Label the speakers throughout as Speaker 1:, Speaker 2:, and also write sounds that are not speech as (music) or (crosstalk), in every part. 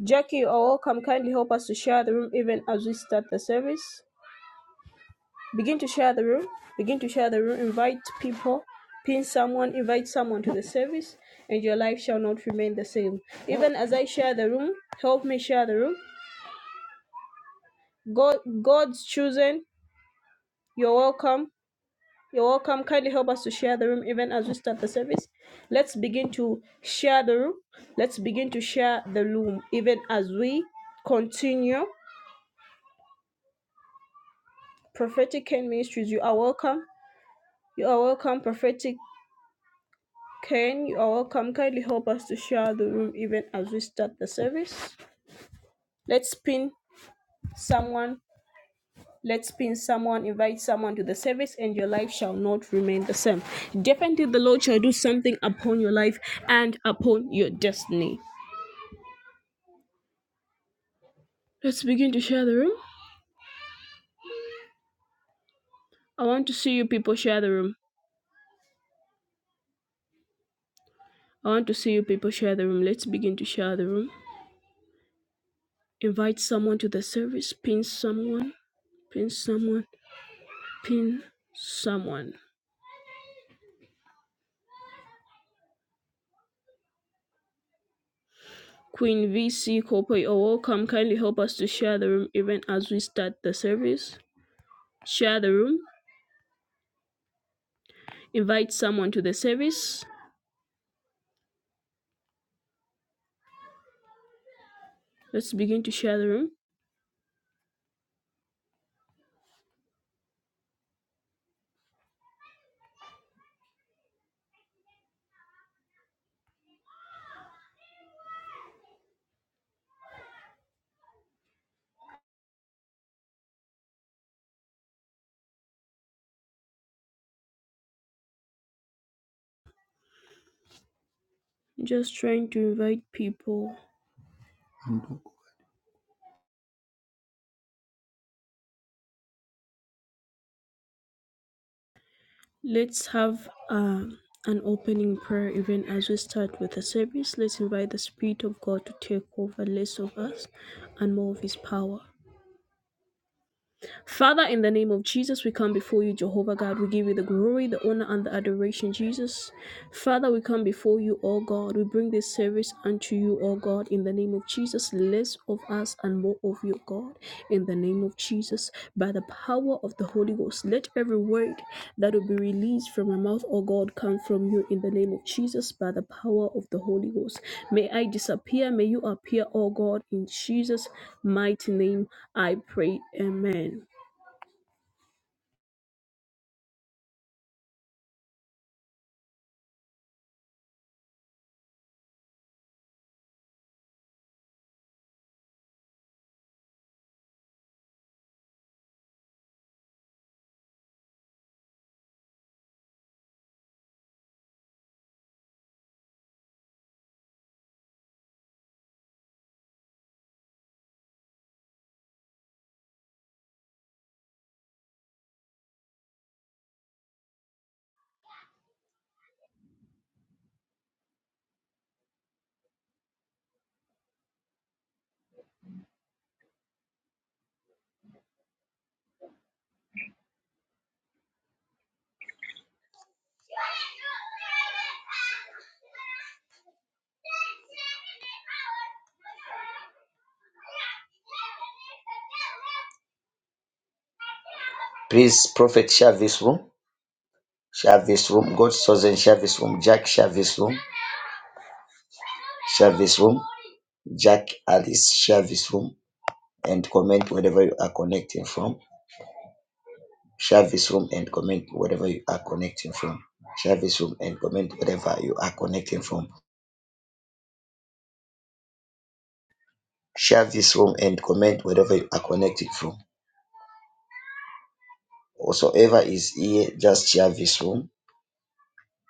Speaker 1: Jackie you are welcome kindly help us to share the room even as we start the service. Begin to share the room. Begin to share the room. Invite people. Pin someone. Invite someone to the service, and your life shall not remain the same. Even as I share the room, help me share the room. God, God's chosen. You're welcome. You're welcome. Kindly help us to share the room even as we start the service. Let's begin to share the room. Let's begin to share the room even as we continue prophetic Ken ministries you are welcome You are welcome, Prophetic Ken. You are welcome. Kindly help us to share the room even as we start the service. Let's pin someone. Let's pin someone, invite someone to the service, and your life shall not remain the same. Definitely, the Lord shall do something upon your life and upon your destiny. Let's begin to share the room. I want to see you people share the room. I want to see you people share the room. Let's begin to share the room. Invite someone to the service. Pin someone. Pin someone. Pin someone. Queen VC Kope, you're welcome. Kindly help us to share the room even as we start the service. Share the room. Invite someone to the service. Let's begin to share the room. Just trying to invite people. Let's have um, an opening prayer even as we start with the service. Let's invite the Spirit of God to take over less of us and more of His power. Father, in the name of Jesus, we come before you, Jehovah God. We give you the glory, the honor, and the adoration, Jesus. Father, we come before you, O God. We bring this service unto you, O God, in the name of Jesus. Less of us and more of you, God, in the name of Jesus. By the power of the Holy Ghost, let every word that will be released from my mouth, O God, come from you, in the name of Jesus. By the power of the Holy Ghost, may I disappear, may you appear, O God, in Jesus' mighty name. I pray, Amen.
Speaker 2: Please, Prophet, share this room. Share this room. God's chosen, share this room. Jack, share this room. Share this room. Jack, Alice, share this room and comment wherever you are connecting from. Share this room and comment wherever you are connecting from. Share this room and comment wherever you are connecting from. Share this room and comment wherever you are connected from. Whatsoever is here, just share this room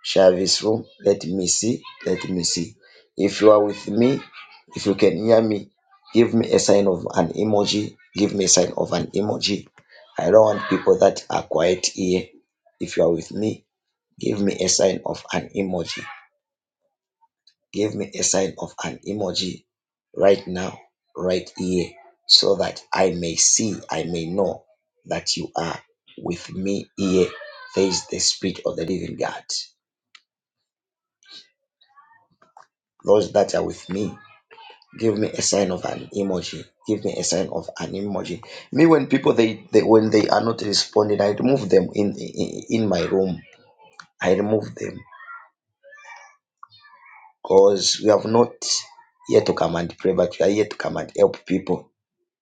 Speaker 2: Service room. Let me see. Let me see. If you are with me, if you can hear me, give me a sign of an emoji. Give me a sign of an emoji. I don't want people that are quiet here. If you are with me, give me a sign of an emoji. Give me a sign of an emoji right now, right here, so that I may see, I may know that you are with me here. There is the Spirit of the Living God. Those that are with me, give me a sign of an emoji give me a sign of an emoji me when people they, they when they are not responding i remove them in in, in my room i remove them because we have not yet to come and pray but we are yet to come and help people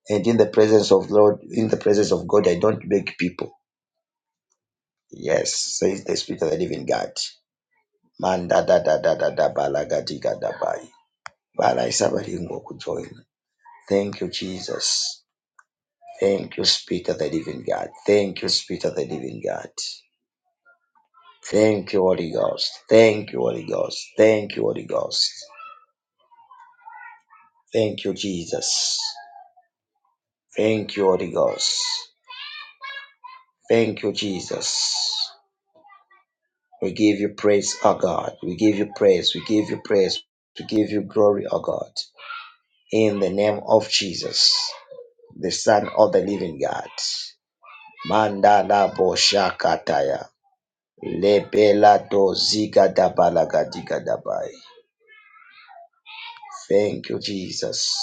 Speaker 2: and in the presence of lord in the presence of god i don't beg people yes says the spirit of the living god man da da da da da da balaga diga da bai Bala isabalingo kujoin. thank you jesus Thank you, Spirit of the Living God. Thank you, Spirit of the Living God. Thank you, Holy Ghost. Thank you, Holy Ghost. Thank you, Holy Ghost. Thank you, Jesus. Thank you, Holy Ghost. Thank you, Jesus. We give you praise, O God. We give you praise. We give you praise. We give you glory, O God. In the name of Jesus, the Son of the Living God. Mandala Boshakataya. Lepelato zikadabalagadikadabai. Thank you, Jesus.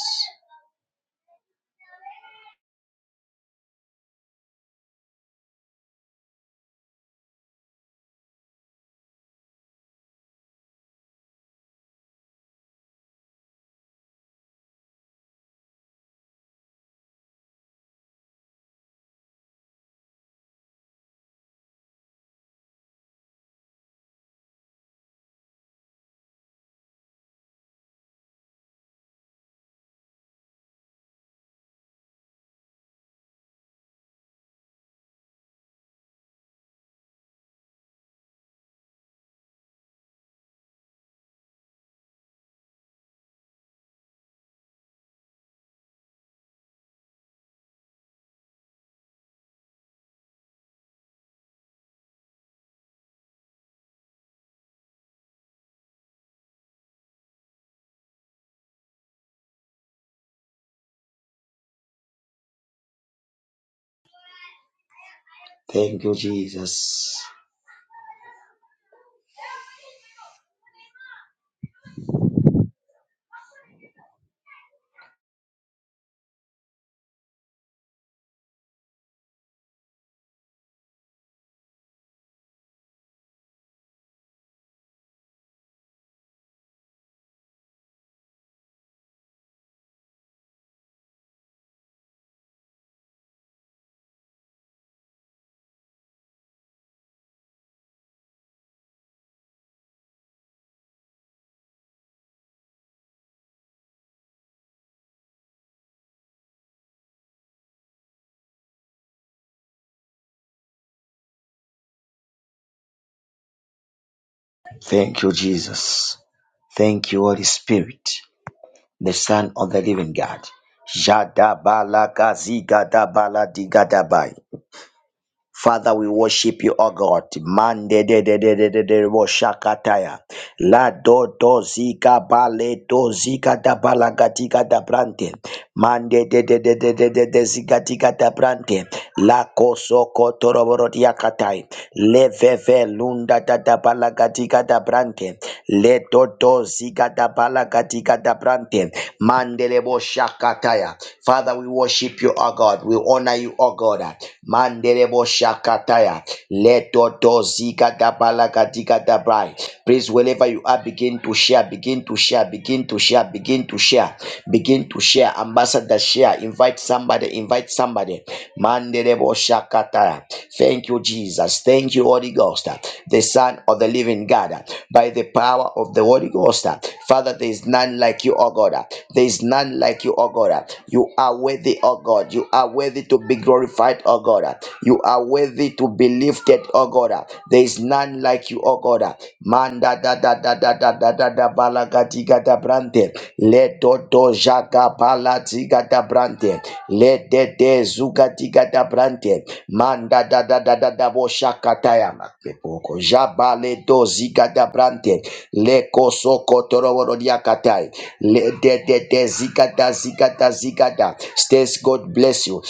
Speaker 2: Thank you, Jesus. Thank you, Jesus. Thank you, Holy Spirit, the Son of the Living God. Jadabalakazigadabaladigadai. Father, we worship you, O God. Mande de de de de de de- de- wo shakataya. La do do zika bale do zika da balagatika da brante. Mande de de de de de de de zika tika da brante. La koso kotoroboro diakatai. Le veve lunda da da balagatika da brante. Le do do zika da balagatika da brante. Mandele bo shakataya. Father, we worship you, O God. We honor you, O God. Mandele bo shakataya. Le do do zika. Shagabalagadigadabai. Please, wherever you are, begin to share, begin to share, begin to share, begin to share, begin to share. Ambassador, share. Invite somebody, invite somebody. Mandelebo Shakataya. Thank you, Jesus. Thank you, Holy Ghost, the Son of the Living God. By the power of the Holy Ghost, Father, there is none like you, O God. There is none like you, O God. You are worthy, O God. You are worthy to be glorified, O God. You are are worthy to be lifted, oh God. There is none like you, oh God. Manda da da da da da da da da balagati gada brante. Le do do jaga balati gada brante. Le de de zugati gada brante. Manda da da da da da bo shakataya makpepoko. Jabale do zigada brante. Le koso kotoroboro diakatai. Le de de de zigada zigada zigada. States God bless you.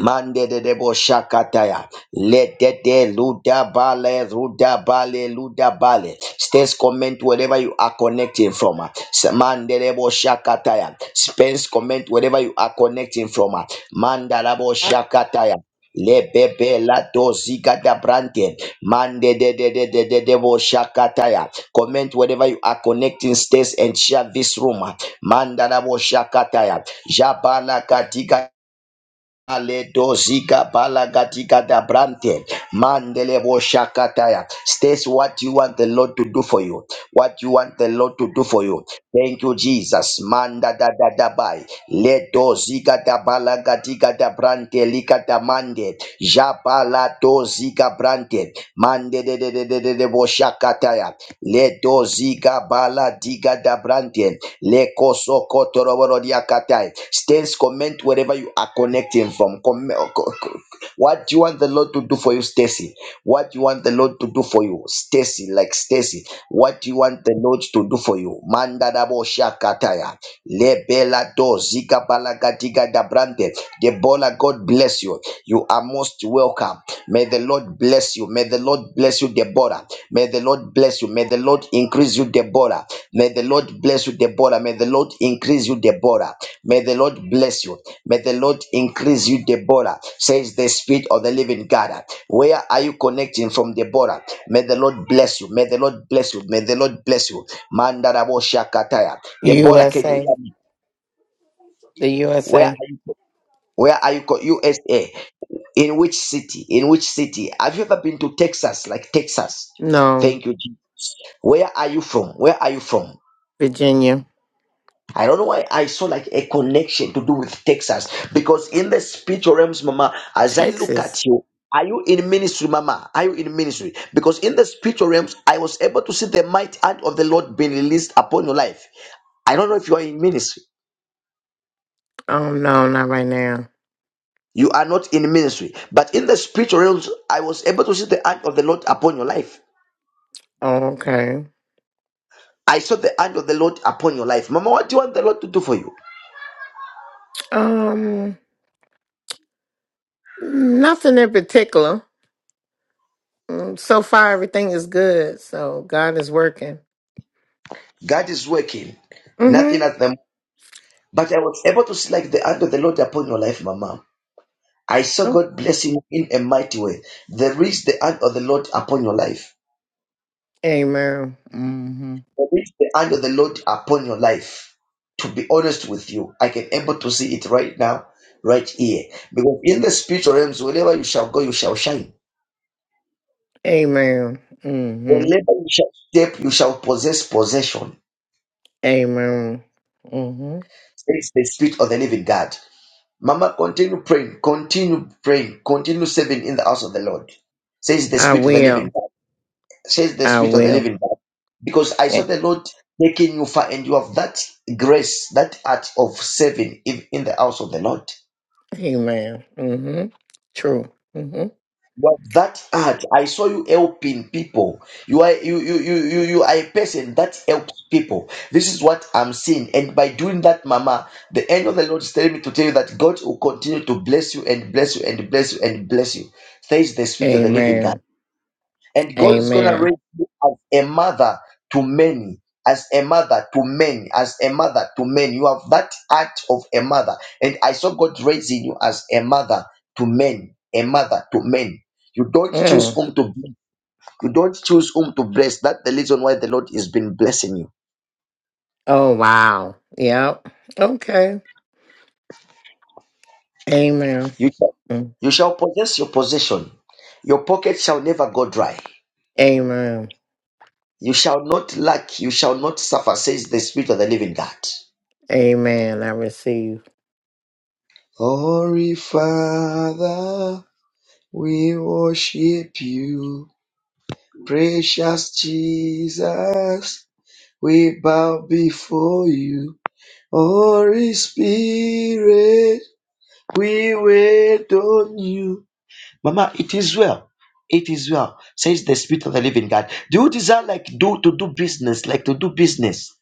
Speaker 2: Mande de debo shakataya. Let de de luda bale, luda bale, luda bale. Stays comment wherever you are connecting from. ah. S- Mande debo shakataya. Spence comment wherever you are connecting from. ah. Manda debo shakataya. Lebebe la doziga da brante. Mande de de de de de debo shakataya. Comment wherever you are connecting stays and share this room. ah. Manda debo shakataya. Jabala katika Ale Aledozika balagatika da brante mandelebo shakataya. States what you want the Lord to do for you. What you want the Lord to do for you. Thank you, Jesus. Manda da da da bai. Leto zika da balaga diga da brante lika da mande. Jabala to zika brante. Mande de de de de de de boshakataya. Leto zika bala diga da brante. Leko soko toroboro diakatai. Stays comment wherever you are connecting from. Com- co- co- what do you want the Lord to do for you, Stacy? What you want the Lord to do for you, Stacy, like Stacy. What you want the Lord to do for you, Manda dabo shakataya. Lebela do zika balagadiga da brande. Debola, God bless you. You are most welcome. May the Lord bless you. May the Lord bless you, Deborah. May the Lord bless you. May the Lord increase you, Deborah. May the Lord bless you, Deborah. May the Lord increase you, Deborah. May the Lord bless you. May the Lord increase you, Deborah, says the Spirit of the Living God. Where are you connecting from the border? May the Lord bless you. May the Lord bless you. May the Lord bless you. Mandarabo Shakataya. The border, can you hear
Speaker 3: USA.
Speaker 2: me?
Speaker 3: The
Speaker 2: Where
Speaker 3: USA.
Speaker 2: are you? Where are you? co- USA. In which city? In which city? Have you ever been to Texas? Like Texas?
Speaker 3: No.
Speaker 2: Thank you. Jesus. Where are you from? Where are you from?
Speaker 3: Virginia.
Speaker 2: I don't know why I saw like a connection to do with Texas because in the spiritual realms, Mama, as I look at
Speaker 3: Texas.
Speaker 2: you, are you in ministry, Mama? Are you in ministry? Because in the spiritual realms, I was able to see the might hand of the Lord being released upon your life. I don't know if you are in ministry.
Speaker 3: Oh no, not right now.
Speaker 2: You are not in ministry, but in the spiritual realms, I was able to see the hand of the Lord upon your life.
Speaker 3: Oh, okay.
Speaker 2: I saw the hand of the Lord upon your life, Mama. What do you want the Lord to do for you?
Speaker 3: Um nothing in particular. Mm, So far everything is good. So God is working.
Speaker 2: God is working. Nothing
Speaker 3: Mm-hmm.
Speaker 2: at the But I was able to see like the hand of the Lord upon your life, Mama. I saw
Speaker 3: Oh.
Speaker 2: God blessing you in a mighty way. There is the hand of the Lord upon your life.
Speaker 3: Amen. Mm-hmm.
Speaker 2: There is the hand of the Lord upon your life. To be honest with you, I can able to see it right now, right here. Because in the spiritual realms, wherever you shall go, you shall shine.
Speaker 3: Amen.
Speaker 2: Wherever
Speaker 3: Mm-hmm.
Speaker 2: you shall step, you shall possess possession.
Speaker 3: Amen. Mm-hmm.
Speaker 2: It's the spirit of the living God. Mama, continue praying, continue praying, continue serving in the house of the Lord. Says the
Speaker 3: I
Speaker 2: spirit of the living
Speaker 3: will.
Speaker 2: God. says the
Speaker 3: I
Speaker 2: Spirit of the
Speaker 3: will.
Speaker 2: Living God. Because I saw
Speaker 3: Yeah.
Speaker 2: the Lord taking you far, and you have that grace, that art of serving in, in the house of the Lord.
Speaker 3: Amen. Mm-hmm. True. Mm-hmm.
Speaker 2: You have that art. I saw you helping people. You are you you you you you are a person that helps people. This is what I'm seeing. And by doing that, Mama, the end of the Lord is telling me to tell you that God will continue to bless you and bless you and bless you and bless you, says the Spirit of the Living God.
Speaker 3: Amen.
Speaker 2: And God is going to
Speaker 3: Amen.
Speaker 2: raise you as a mother to many, as a mother to many, as a mother to many. You have that act of a mother. And I saw God raising you as a mother to men, a mother to men. You don't
Speaker 3: Mm.
Speaker 2: choose whom to bless. you don't choose whom to bless. That's the reason why the Lord has been blessing you.
Speaker 3: Oh wow. Yep. Okay. Amen.
Speaker 2: You shall,
Speaker 3: Mm.
Speaker 2: you shall possess your possession. Your pocket shall never go dry.
Speaker 3: Amen.
Speaker 2: You shall not lack. You shall not suffer, says the Spirit of the Living God.
Speaker 3: Amen. I receive.
Speaker 2: Holy Father. We worship you, precious Jesus. We bow before you, Holy Spirit. We wait on you. Mama, it is well. It is well, says the Spirit of the Living God. Do you desire like do to do business, like to do business?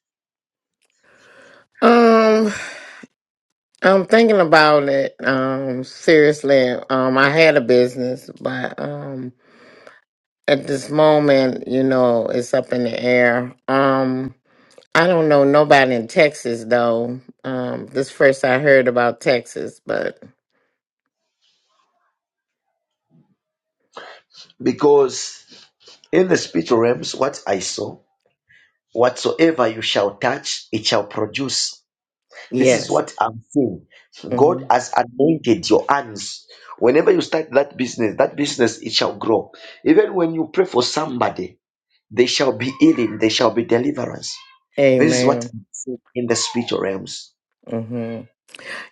Speaker 3: Um, I'm thinking about it. Um, seriously. Um, I had a business, but um at this moment, you know, it's up in the air. Um, I don't know nobody in Texas though. Um, this first I heard about Texas, but
Speaker 2: Because in the spiritual realms, what I saw, whatsoever you shall touch, it shall produce This is
Speaker 3: yes.
Speaker 2: what I'm saying. God
Speaker 3: hmm
Speaker 2: has anointed your hands. Whenever you start that business, that business it shall grow. Even when you pray for somebody, they shall be healing, they shall be deliverance. This is what
Speaker 3: Amen.
Speaker 2: I'm seeing in the spiritual realms.
Speaker 3: Mm-hmm.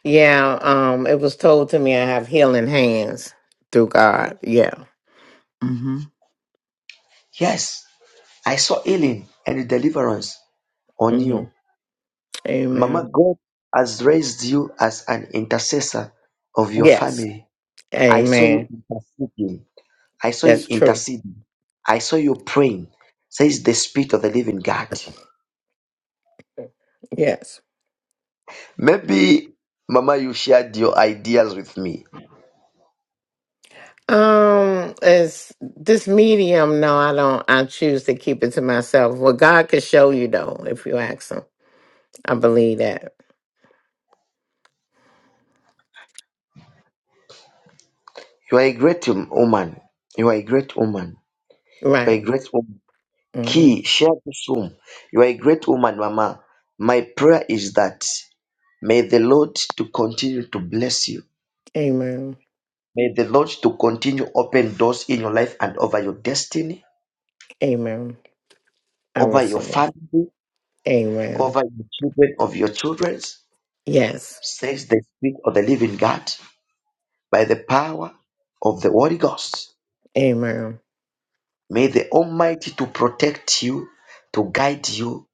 Speaker 3: Yeah, um, it was told to me I have healing hands through God. Yeah. hmm
Speaker 2: Yes, I saw healing and deliverance on
Speaker 3: hmm
Speaker 2: you. Mama,
Speaker 3: Amen.
Speaker 2: God has raised you as an intercessor of your
Speaker 3: Yes.
Speaker 2: family. I saw you
Speaker 3: Amen.
Speaker 2: interceding. I saw you
Speaker 3: That's true.
Speaker 2: interceding. I saw you praying, says the Spirit of the Living God.
Speaker 3: Yes.
Speaker 2: Maybe, Mama, you shared your ideas with me.
Speaker 3: Um, is this medium? No, I don't. I choose to keep it to myself. Well, God could show you though, if you ask Him. I believe that.
Speaker 2: You are a great um, woman. You are a great woman. You are a
Speaker 3: Right.
Speaker 2: great woman.
Speaker 3: hmm
Speaker 2: Key, share this room. You are a great woman, Mama. My prayer is that may the Lord to continue to bless you.
Speaker 3: Amen.
Speaker 2: May the Lord to continue open doors in your life and over your destiny,
Speaker 3: Amen. I
Speaker 2: over your
Speaker 3: receive.
Speaker 2: family,
Speaker 3: Amen.
Speaker 2: over the children of your children.
Speaker 3: Yes.
Speaker 2: Says the Spirit of the Living God by the power of the Holy Ghost.
Speaker 3: Amen.
Speaker 2: May the Almighty to protect you, to guide you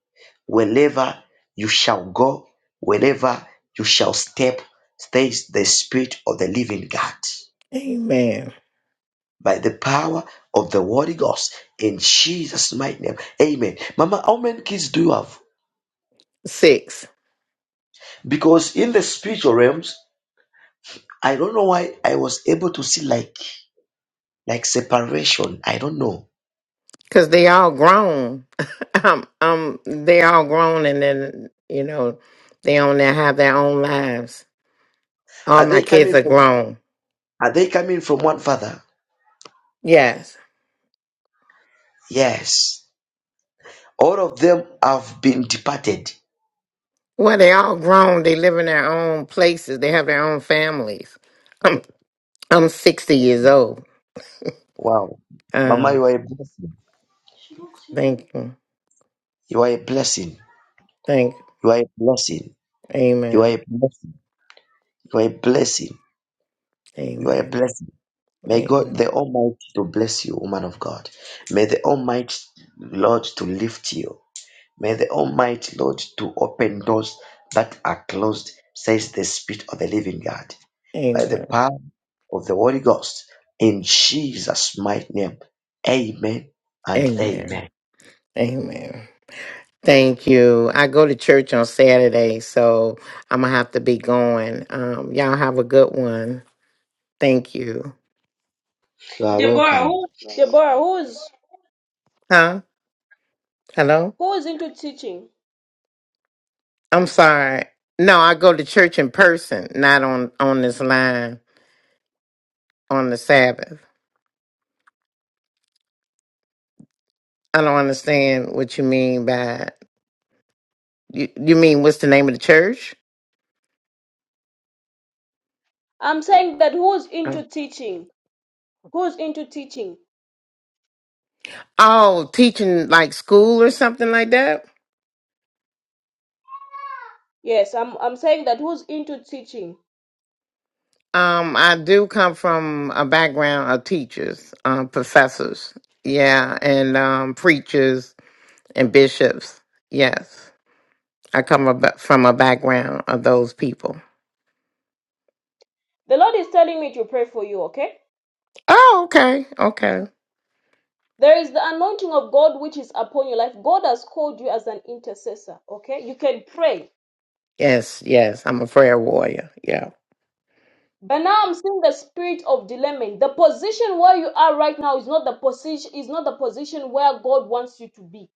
Speaker 2: wherever you shall go, wherever you shall step. Stays the Spirit of the Living God
Speaker 3: Amen.
Speaker 2: by the power of the Holy Ghost in Jesus' mighty name. Amen. Mama, how many kids do you have?
Speaker 3: Six.
Speaker 2: Because in the spiritual realms, I don't know why I was able to see like like separation. I don't know.
Speaker 3: Cause they all grown. (laughs) um, um, they all grown, and then you know they own their have their own lives. All
Speaker 2: Are
Speaker 3: my
Speaker 2: they
Speaker 3: kids
Speaker 2: coming
Speaker 3: are
Speaker 2: from?
Speaker 3: grown.
Speaker 2: Are they coming from one father?
Speaker 3: Yes.
Speaker 2: Yes. All of them have been departed.
Speaker 3: Well, they all grown. They live in their own places. They have their own families. I'm I'm sixty years old.
Speaker 2: Wow. Mama,
Speaker 3: Uh,
Speaker 2: you are a blessing.
Speaker 3: thank you,
Speaker 2: You are a blessing.
Speaker 3: thank you.
Speaker 2: You are a blessing. You are a
Speaker 3: Amen.
Speaker 2: blessing. You are a blessing. You are a
Speaker 3: Amen.
Speaker 2: blessing. May God
Speaker 3: Amen.
Speaker 2: the Almighty to bless you, woman of God. May the Almighty Lord to lift you. May the Almighty Lord to open doors that are closed, says the Spirit of the Living God. By the
Speaker 3: Amen.
Speaker 2: power of the Holy Ghost, in Jesus' mighty name. Amen and
Speaker 3: Amen.
Speaker 2: amen.
Speaker 3: Amen. Thank you. I go to church on Saturday, so I'm gonna have to be going. Um, y'all have a good one. Thank you.
Speaker 1: Deborah, who's
Speaker 3: Huh? Hello?
Speaker 1: who's into teaching?
Speaker 3: I'm sorry. No, I go to church in person, not on on this line on the Sabbath. I don't understand what you mean by you. You mean what's the name of the church?
Speaker 1: I'm saying that who's into teaching? Who's into teaching?
Speaker 3: Oh, teaching like school or something like that.
Speaker 1: Yes, I'm I'm saying that who's into teaching?
Speaker 3: Um, I do come from a background of teachers, um, professors, yeah, and um, preachers and bishops. Yes, I come ab- from a background of those people.
Speaker 1: The Lord is telling me to pray for you, okay?
Speaker 3: Oh, okay, okay.
Speaker 1: There is the anointing of God which is upon your life. God has called you as an intercessor, okay? You can pray.
Speaker 3: Yes, yes, I'm a prayer warrior. Yeah,
Speaker 1: But now I'm seeing the spirit of dilemma. The position where you are right now is not the position is not the position where God wants you to be.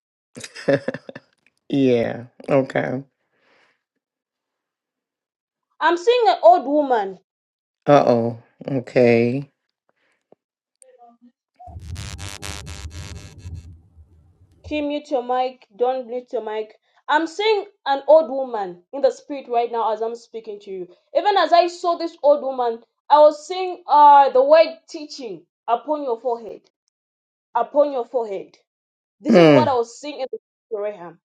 Speaker 3: yeah. Okay.
Speaker 1: I'm seeing an old woman.
Speaker 3: Uh oh. Okay.
Speaker 1: Kim, mute your mic. Don't mute your mic. I'm seeing an old woman in the spirit right now as I'm speaking to you. Even as I saw this old woman, I was seeing uh, the word teaching upon your forehead. Upon your forehead. This is what
Speaker 3: Mm.
Speaker 1: I was seeing in the spirit, Raham.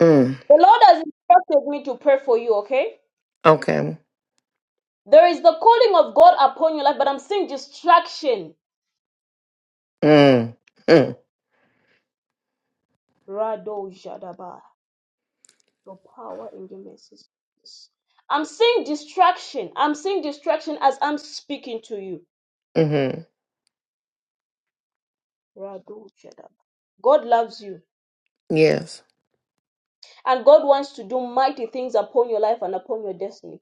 Speaker 3: Mm.
Speaker 1: The Lord has instructed me to pray for you, okay?
Speaker 3: Okay.
Speaker 1: There is the calling of God upon your life, but I'm seeing distraction.
Speaker 3: Mm. Mm.
Speaker 1: Rado Jadaba. Your power in your mercy. I'm seeing distraction. I'm seeing distraction as I'm speaking to you.
Speaker 3: Mm-hmm.
Speaker 1: Radu Chedab. God loves you
Speaker 3: Yes.
Speaker 1: and God wants to do mighty things upon your life and upon your destiny.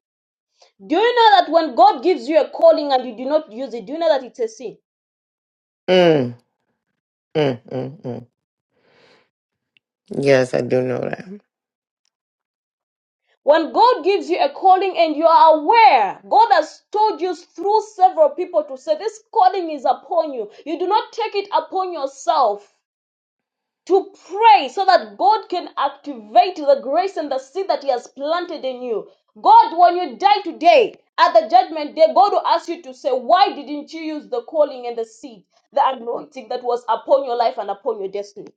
Speaker 1: Do you know that when God gives you a calling and you do not use it, do you know that it's a sin?
Speaker 3: Mm. Mm. Mm. Mm. Yes, I do know
Speaker 1: When God gives you a calling and you are aware, God has told you through several people to say, This calling is upon you. You do not take it upon yourself. to pray so that God can activate the grace and the seed that He has planted in you. God, when you die today, at the judgment day, God will ask you to say, Why didn't you use the calling and the seed, the anointing that was upon your life and upon your destiny?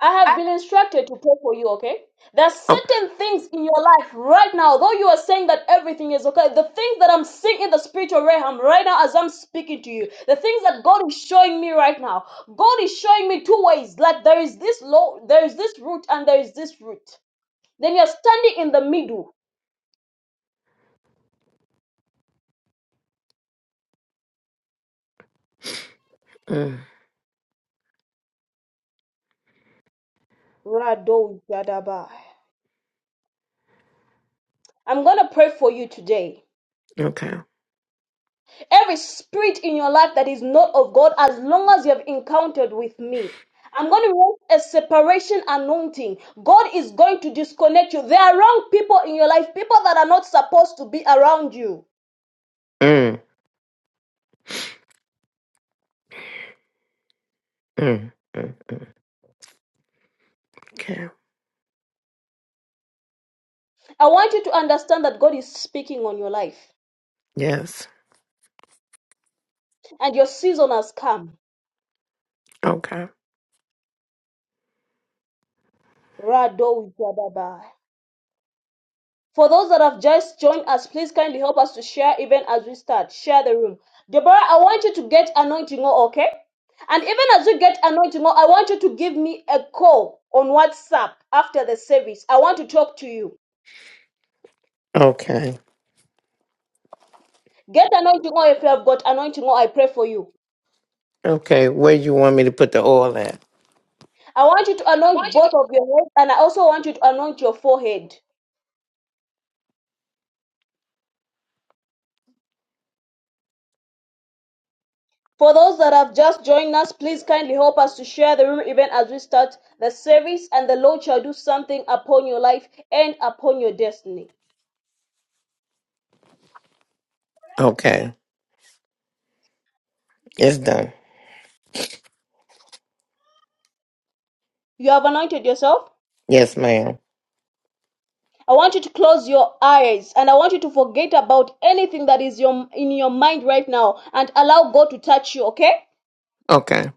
Speaker 1: I have been instructed to pray for you, okay? There are
Speaker 3: that.
Speaker 1: certain things in your life right now, though you are saying that everything is okay, the things that I'm seeing in the spiritual realm right now as I'm speaking to you, the things that God is showing me right now, God is showing me two ways. Like there is this low, there is this root, and there is this root. Then you're standing in the middle.
Speaker 3: Mm,
Speaker 1: Rado Yadabai. I'm gonna pray for you today.
Speaker 3: okay.
Speaker 1: every spirit in your life that is not of God, as long as you have encountered with me. I'm going to raise a separation anointing. God is going to disconnect you. There are wrong people in your life, people that are not supposed to be around you.
Speaker 3: Mm, mm, mm. Okay.
Speaker 1: I want you to understand that God is speaking on your life
Speaker 3: Yes.
Speaker 1: and your season has come.
Speaker 3: Okay.
Speaker 1: Rado Jadaba. For those that have just joined us, please kindly help us to share even as we start. Share the room. Deborah, I want you to get anointing oil, okay? And even as you get anointing oil, I want you to give me a call on WhatsApp after the service. I want to talk to you.
Speaker 3: Okay.
Speaker 1: Get anointing oil if you have got anointing oil. I pray for you.
Speaker 3: Okay. Where you want me to put the oil at?
Speaker 1: I want you to anoint both of your heads and I also want you to anoint your forehead. For those that have just joined us, please kindly help us to share the room even as we start the service, and the Lord shall do something upon your life and upon your destiny.
Speaker 3: Okay. It's done.
Speaker 1: You have anointed yourself.
Speaker 3: Yes, ma'am.
Speaker 1: I want you to close your eyes and I want you to forget about anything that is your, in your mind right now and allow God to touch you, okay?
Speaker 3: Okay.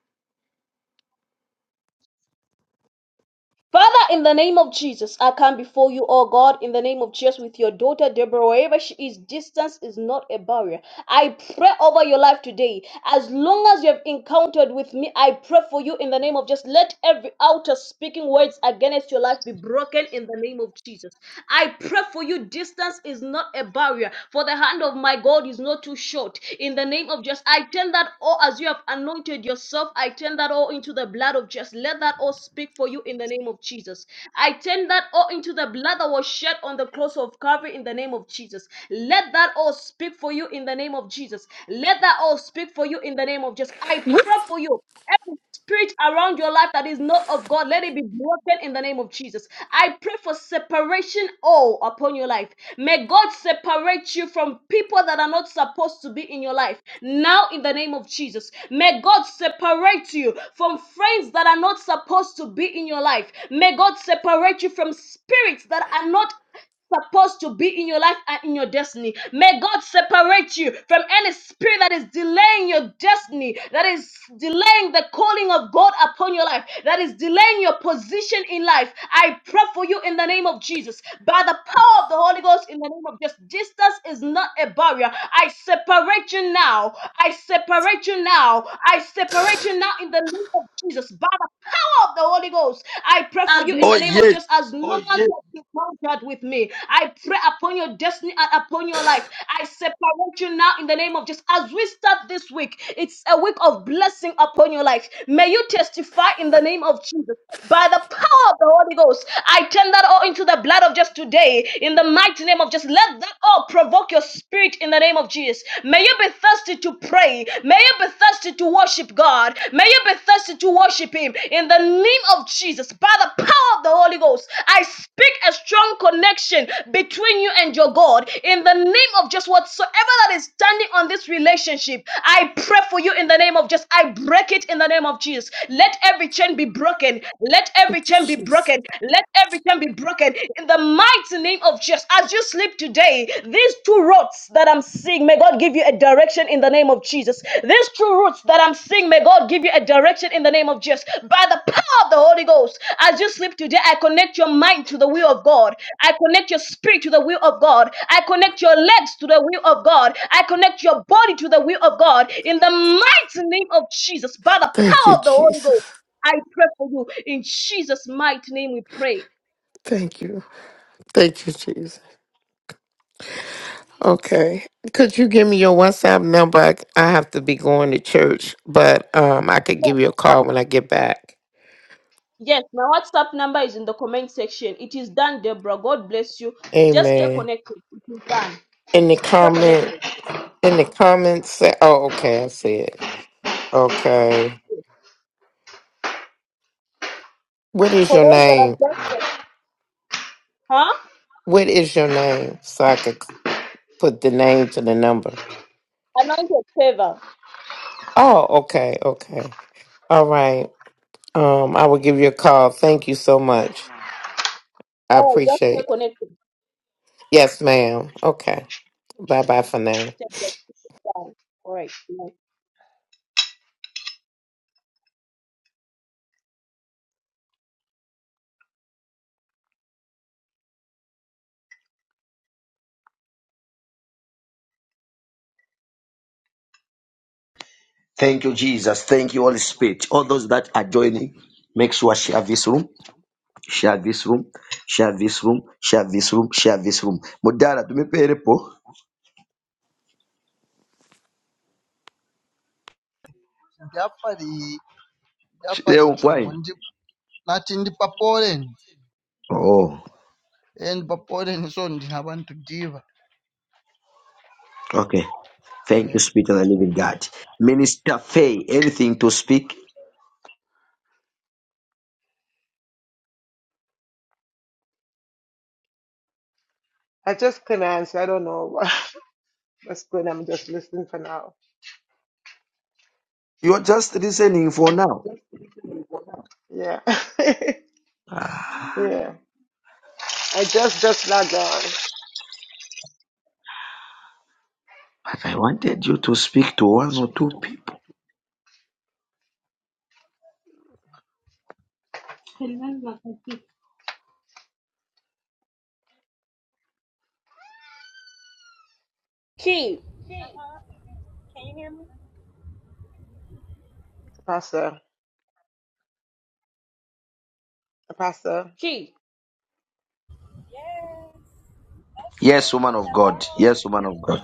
Speaker 1: Father, in the name of Jesus, I come before you, oh God, in the name of Jesus, with your daughter Deborah, wherever she is, distance is not a barrier. I pray over your life today. As long as you have encountered with me, I pray for you in the name of Jesus. let every outer speaking words against your life be broken in the name of Jesus. I pray for you, distance is not a barrier for the hand of my God is not too short. In the name of Jesus, I turn that all as you have anointed yourself, I turn that all into the blood of Jesus. Let that all speak for you in the name of Jesus. I turn that all into the blood that was shed on the cross of Calvary in the name of Jesus. Let that all speak for you in the name of Jesus. Let that all speak for you in the name of Jesus. I pray for you spirit around your life that is not of God, let it be broken in the name of Jesus. I pray for separation all upon your life. May God separate you from people that are not supposed to be in your life. Now, in the name of Jesus, may God separate you from friends that are not supposed to be in your life. May God separate you from spirits that are not supposed to be in your life and in your destiny. May God separate you from any spirit that is delaying your destiny, that is delaying the calling of God upon your life, that is delaying your position in life. I pray for you in the name of Jesus. By the power of the Holy Ghost, in the name of Jesus, distance is not a barrier. I separate you now. I separate you now. I separate you now in the name of Jesus. By the power of the Holy Ghost, I pray for you in
Speaker 2: Oh,
Speaker 1: the name of
Speaker 2: yes.
Speaker 1: Jesus as no Oh, one yes you contact with me. I pray upon your destiny and upon your life. I separate you now in the name of Jesus. As we start this week, it's a week of blessing upon your life. May you testify in the name of Jesus. By the power of the Holy Ghost, I turn that all into the blood of just today. In the mighty name of just let that all provoke your spirit in the name of Jesus service. May you be thirsty to pray. May you be thirsty to worship God. May you be thirsty to worship Him. In the name of Jesus, by the power of the Holy Ghost, I speak a strong connection between you and your God. In the name of just whatsoever that is standing on this relationship, I pray for you in the name of just, I break it in the name of Jesus. Let every chain be broken. Let
Speaker 3: Thank
Speaker 1: every
Speaker 3: you,
Speaker 1: chain be
Speaker 3: Jesus.
Speaker 1: broken. Let every chain be broken. In the mighty name of Jesus, as you sleep today, these two roads that I'm seeing, may God give you a direction in the name of Jesus. These two routes that I'm seeing, may God give you a direction in the name of Jesus. By the power of the Holy Ghost, as you sleep today, I connect your mind to the will of God. I connect your spirit to the will of God. I connect your legs to the will of God. I connect your body to the will of God. In the mighty name of Jesus, by the
Speaker 3: Thank you,
Speaker 1: power of the Holy Ghost,
Speaker 3: Jesus.
Speaker 1: I pray for you. In Jesus' mighty name, we pray.
Speaker 3: Thank you. Thank you, Jesus. Okay. Could you give me your WhatsApp number? I, I have to be going to church, but um I could
Speaker 1: Yes,
Speaker 3: give you a call when I get back.
Speaker 1: yes, my WhatsApp number is in the comment section. It is done, Deborah. God bless you. Just stay
Speaker 3: Amen.
Speaker 1: connected. It is done.
Speaker 3: In the
Speaker 1: Stay
Speaker 3: comment
Speaker 1: connected.
Speaker 3: in the comments se- oh okay, I see it. Okay. What is
Speaker 1: For
Speaker 3: your
Speaker 1: those that have
Speaker 3: name?
Speaker 1: just, said, huh?
Speaker 3: What is your name? So I could put the name to the number.
Speaker 1: Anointed favor.
Speaker 3: Oh, okay, okay. All right. Um, I will give you a call. Thank you so much. I
Speaker 1: Oh, just stay
Speaker 3: appreciate. it.
Speaker 1: connected.
Speaker 3: Yes, ma'am. Okay. Bye bye for now.
Speaker 1: Stay connected. It is done. All right.
Speaker 2: Thank you, Jesus. Thank you, Holy Spirit. All those that are joining, make sure share this room, share this room, share this room, share this room, share this room. Mudara, tumepe repo.
Speaker 4: Ndapari ndapari
Speaker 2: Leo
Speaker 4: chongo
Speaker 2: mfwani.
Speaker 4: ndi nati ndi pa Poland
Speaker 2: Oh,
Speaker 4: and pa Poland so ndinabantu diva
Speaker 2: okay. Thank
Speaker 4: eh
Speaker 2: you, Spirit of the Living God. Minister Faye, anything to speak?
Speaker 5: I just couldn't answer. I don't know (laughs) what's going on. I'm just listening for now.
Speaker 2: You're just listening for now.
Speaker 5: Yeah. (laughs)
Speaker 2: Ah,
Speaker 5: yeah. I just, just logged on.
Speaker 2: but I wanted you to speak to one or two people.
Speaker 1: Key.
Speaker 6: Uh-huh. Can you hear me?
Speaker 5: Pastor, Pastor,
Speaker 1: Key.
Speaker 6: Yes.
Speaker 2: Yes,
Speaker 6: Blessings.
Speaker 2: woman of God.
Speaker 6: Hello.
Speaker 2: Yes, woman of God.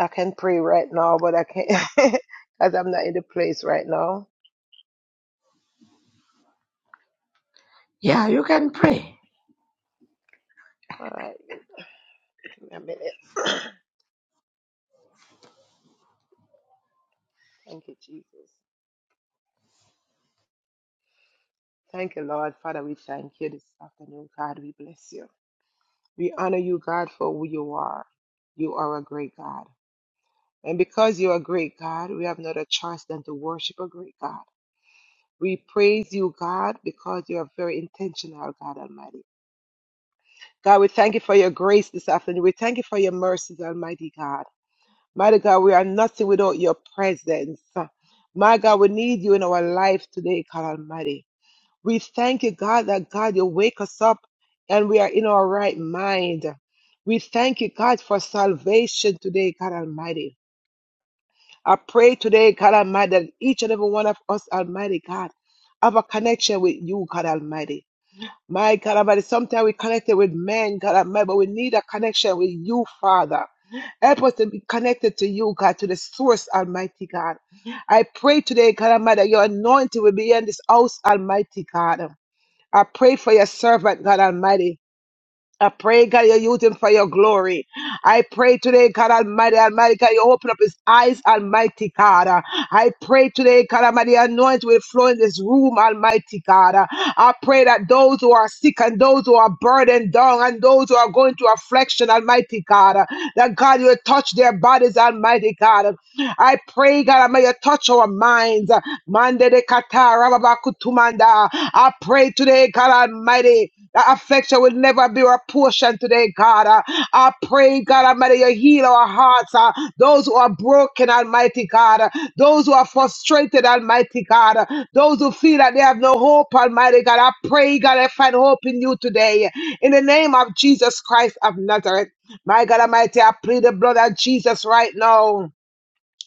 Speaker 5: I can pray right now, but I can't (laughs) because I'm not in the place right now.
Speaker 2: Yeah, you can pray.
Speaker 5: All right. Give me a minute. (clears throat) thank you, Jesus. Thank you, Lord. Father, we thank you this afternoon. God, we bless you. We honor you, God, for who you are. You are a great God. And because you are a great God, we have not a choice than to worship a great God. We praise you, God, because you are very intentional, God Almighty. God, we thank you for your grace this afternoon. We thank you for your mercies, Almighty God. Mighty God, we are nothing without your presence. My God, we need you in our life today, God Almighty. We thank you, God, that God, you wake us up and we are in our right mind. We thank you, God, for salvation today, God Almighty. I pray today, God Almighty, that each and every one of us, Almighty God, have a connection with you, God Almighty. My God Almighty, sometimes we connected with men, God Almighty, but we need a connection with you, Father. Help us to be connected to you, God, to the source, Almighty God. I pray today, God Almighty, that your anointing will be in this house, Almighty God. I pray for your servant, God Almighty. I pray, God, you use him for your glory. I pray today, God Almighty, Almighty God, you open up his eyes, Almighty God. I pray today, God Almighty, anoint will flow in this room, Almighty God. I pray that those who are sick and those who are burdened down and those who are going through affliction, Almighty God, that God, you will touch their bodies, Almighty God. I pray, God, Almighty, you touch our minds. Mande de kata, rababakutumanda. I pray today, God Almighty. That affection will never be our portion today, God. Uh, I pray, God Almighty, you heal our hearts. uh, those who are broken, Almighty God. uh, those who are frustrated, Almighty God. uh, those who feel that they have no hope, Almighty God. I pray, God, I find hope in you today. In the name of Jesus Christ of Nazareth. My God Almighty, I plead the blood of Jesus right now.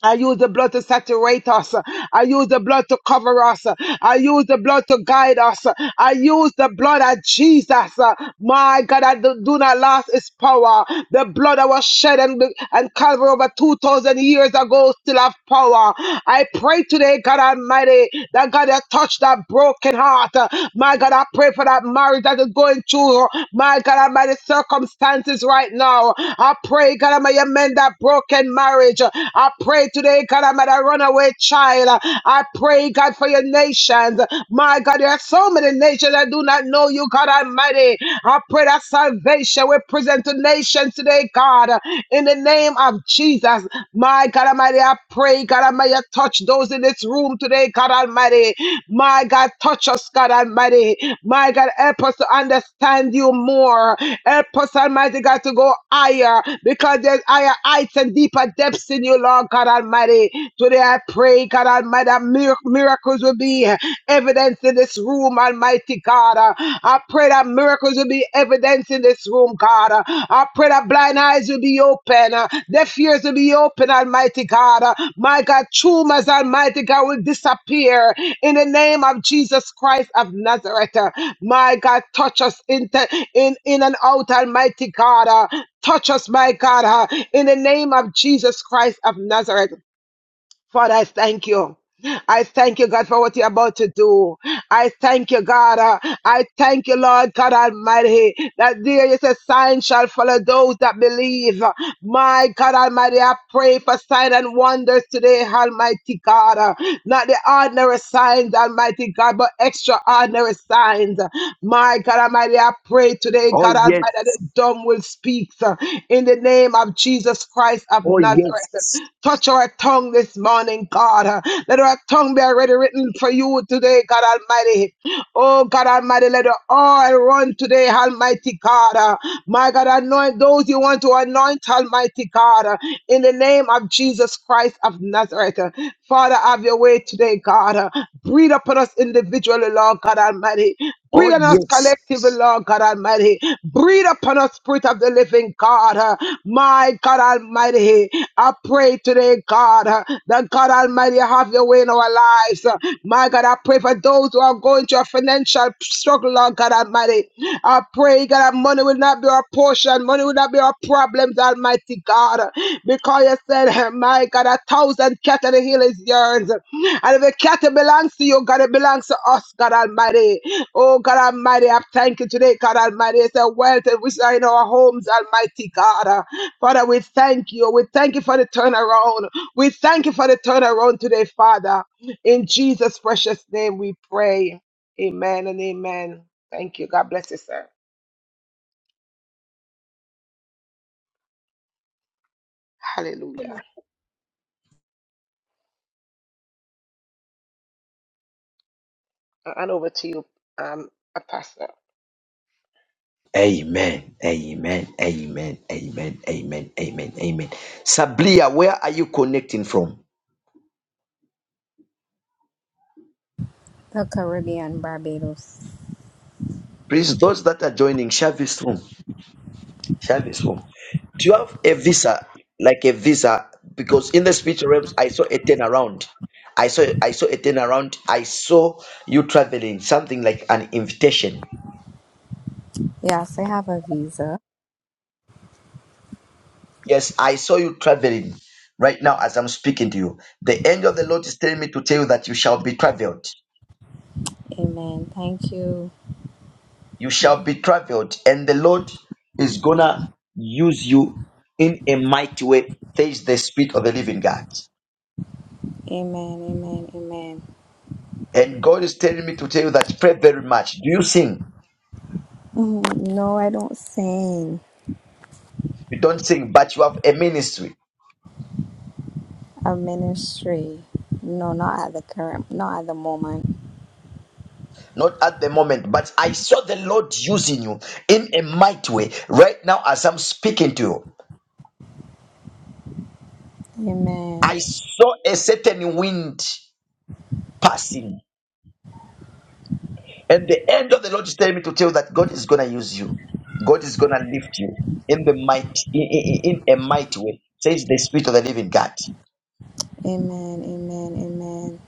Speaker 5: I use the blood to saturate us. I use the blood to cover us. I use the blood to guide us. I use the blood of Jesus. My God, I do do not lose its power. The blood that was shed and, and Calvary over 2,000 years ago still have power. I pray today, God Almighty, that God that touched that broken heart. My God, I pray for that marriage that is going through, my God Almighty, circumstances right now. I pray, God Almighty, amend that broken marriage. I pray pray today, God, I'm at a runaway child. I pray, God, for your nations. My God, there are so many nations that do not know you, God Almighty. I pray that salvation will present to nations today, God, in the name of Jesus. My God Almighty, I pray, God Almighty, touch those in this room today, God Almighty. My God, touch us, God Almighty. My God, help us to understand you more. Help us, Almighty God, to go higher because there's higher heights and deeper depths in you, Lord God Almighty. Almighty. Today I pray, God Almighty, that mir- miracles will be evidence in this room, Almighty God. Uh, I pray that miracles will be evidence in this room, God. Uh, I pray that blind eyes will be open, uh, deaf ears will be open, Almighty God. Uh, My God, tumors, Almighty God, will disappear in the name of Jesus Christ of Nazareth. Uh, My God, touch us in, te- in, in and out, Almighty God. Uh, Touch us, my God, uh, in the name of Jesus Christ of Nazareth. Father, I thank you. I thank you, God, for what you're about to do. I thank you, God. Uh, I thank you, Lord God Almighty, that there is a sign shall follow those that believe. My God Almighty, I pray for sign and wonders today, Almighty God. Uh, Not the ordinary signs, Almighty God, but extraordinary signs. My God Almighty, I pray today,
Speaker 2: Oh,
Speaker 5: God Almighty, that the
Speaker 2: yes.
Speaker 5: dumb will speak uh, in the name of Jesus Christ of
Speaker 2: Oh,
Speaker 5: Nazareth.
Speaker 2: yes.
Speaker 5: Touch our tongue this morning, God. Uh, Let our tongue be already written for you today, God Almighty. Oh, God Almighty, let the oil run today, Almighty God. Uh, My God, anoint those you want to anoint, Almighty God, uh, in the name of Jesus Christ of Nazareth. Uh, Father, have your way today, God. Uh, Breathe upon us individually, Lord God Almighty.
Speaker 2: Oh,
Speaker 5: Breathe on us
Speaker 2: yes.
Speaker 5: collectively, Lord God Almighty. Breathe upon us, Spirit of the Living God. Uh, My God Almighty, I pray today, God, uh, that God Almighty have your way in our lives. Uh, My God, I pray for those who are going through a financial struggle, Lord God Almighty. I pray, God, that money will not be our portion would not be our problems, Almighty God, because you said, My God, a thousand cattle the hill is yours. And if the cattle belongs to you, God, it belongs to us, God Almighty. Oh, God Almighty, I thank you today, God Almighty. It's a wealth which are in our homes, Almighty God. Father, we thank you. We thank you for the turnaround. We thank you for the turnaround today, Father. In Jesus' precious name we pray. Amen and amen. Thank you. God bless you, sir. Hallelujah. And over to you, um, Pastor.
Speaker 2: Amen. Amen. Amen. Amen. Amen. Amen. Amen. Sablia, where are you connecting from?
Speaker 7: the Caribbean, Barbados.
Speaker 2: Please, those that are joining, share this room. Share this room. Do you have a visa, like a visa? Because in the spiritual realms, I saw a turnaround. I saw I saw a turnaround. I saw you traveling, something like an invitation.
Speaker 7: Yes, I have a visa.
Speaker 2: Yes, I saw you traveling right now as I'm speaking to you. The angel of the Lord is telling me to tell you that you shall be traveled.
Speaker 7: Amen. Thank you.
Speaker 2: You shall be traveled, and the Lord is gonna use you in a mighty way. Says the Spirit of the Living God.
Speaker 7: Amen. Amen. Amen.
Speaker 2: And God is telling me to tell you that pray very much. Do you sing?
Speaker 7: Mhm. No, I don't sing
Speaker 2: You don't sing, but you have a ministry.
Speaker 7: a ministry. No, not at the current, not at the moment.
Speaker 2: Not at the moment, but I saw the Lord using you in a mighty way right now as I'm speaking to you.
Speaker 7: Amen.
Speaker 2: I saw a certain wind passing And the end of the Lord is telling me to tell you that God is gonna use you. God is gonna lift you in the might, in, in in a mighty way. Says the Spirit of the Living God.
Speaker 7: Amen. Amen. Amen.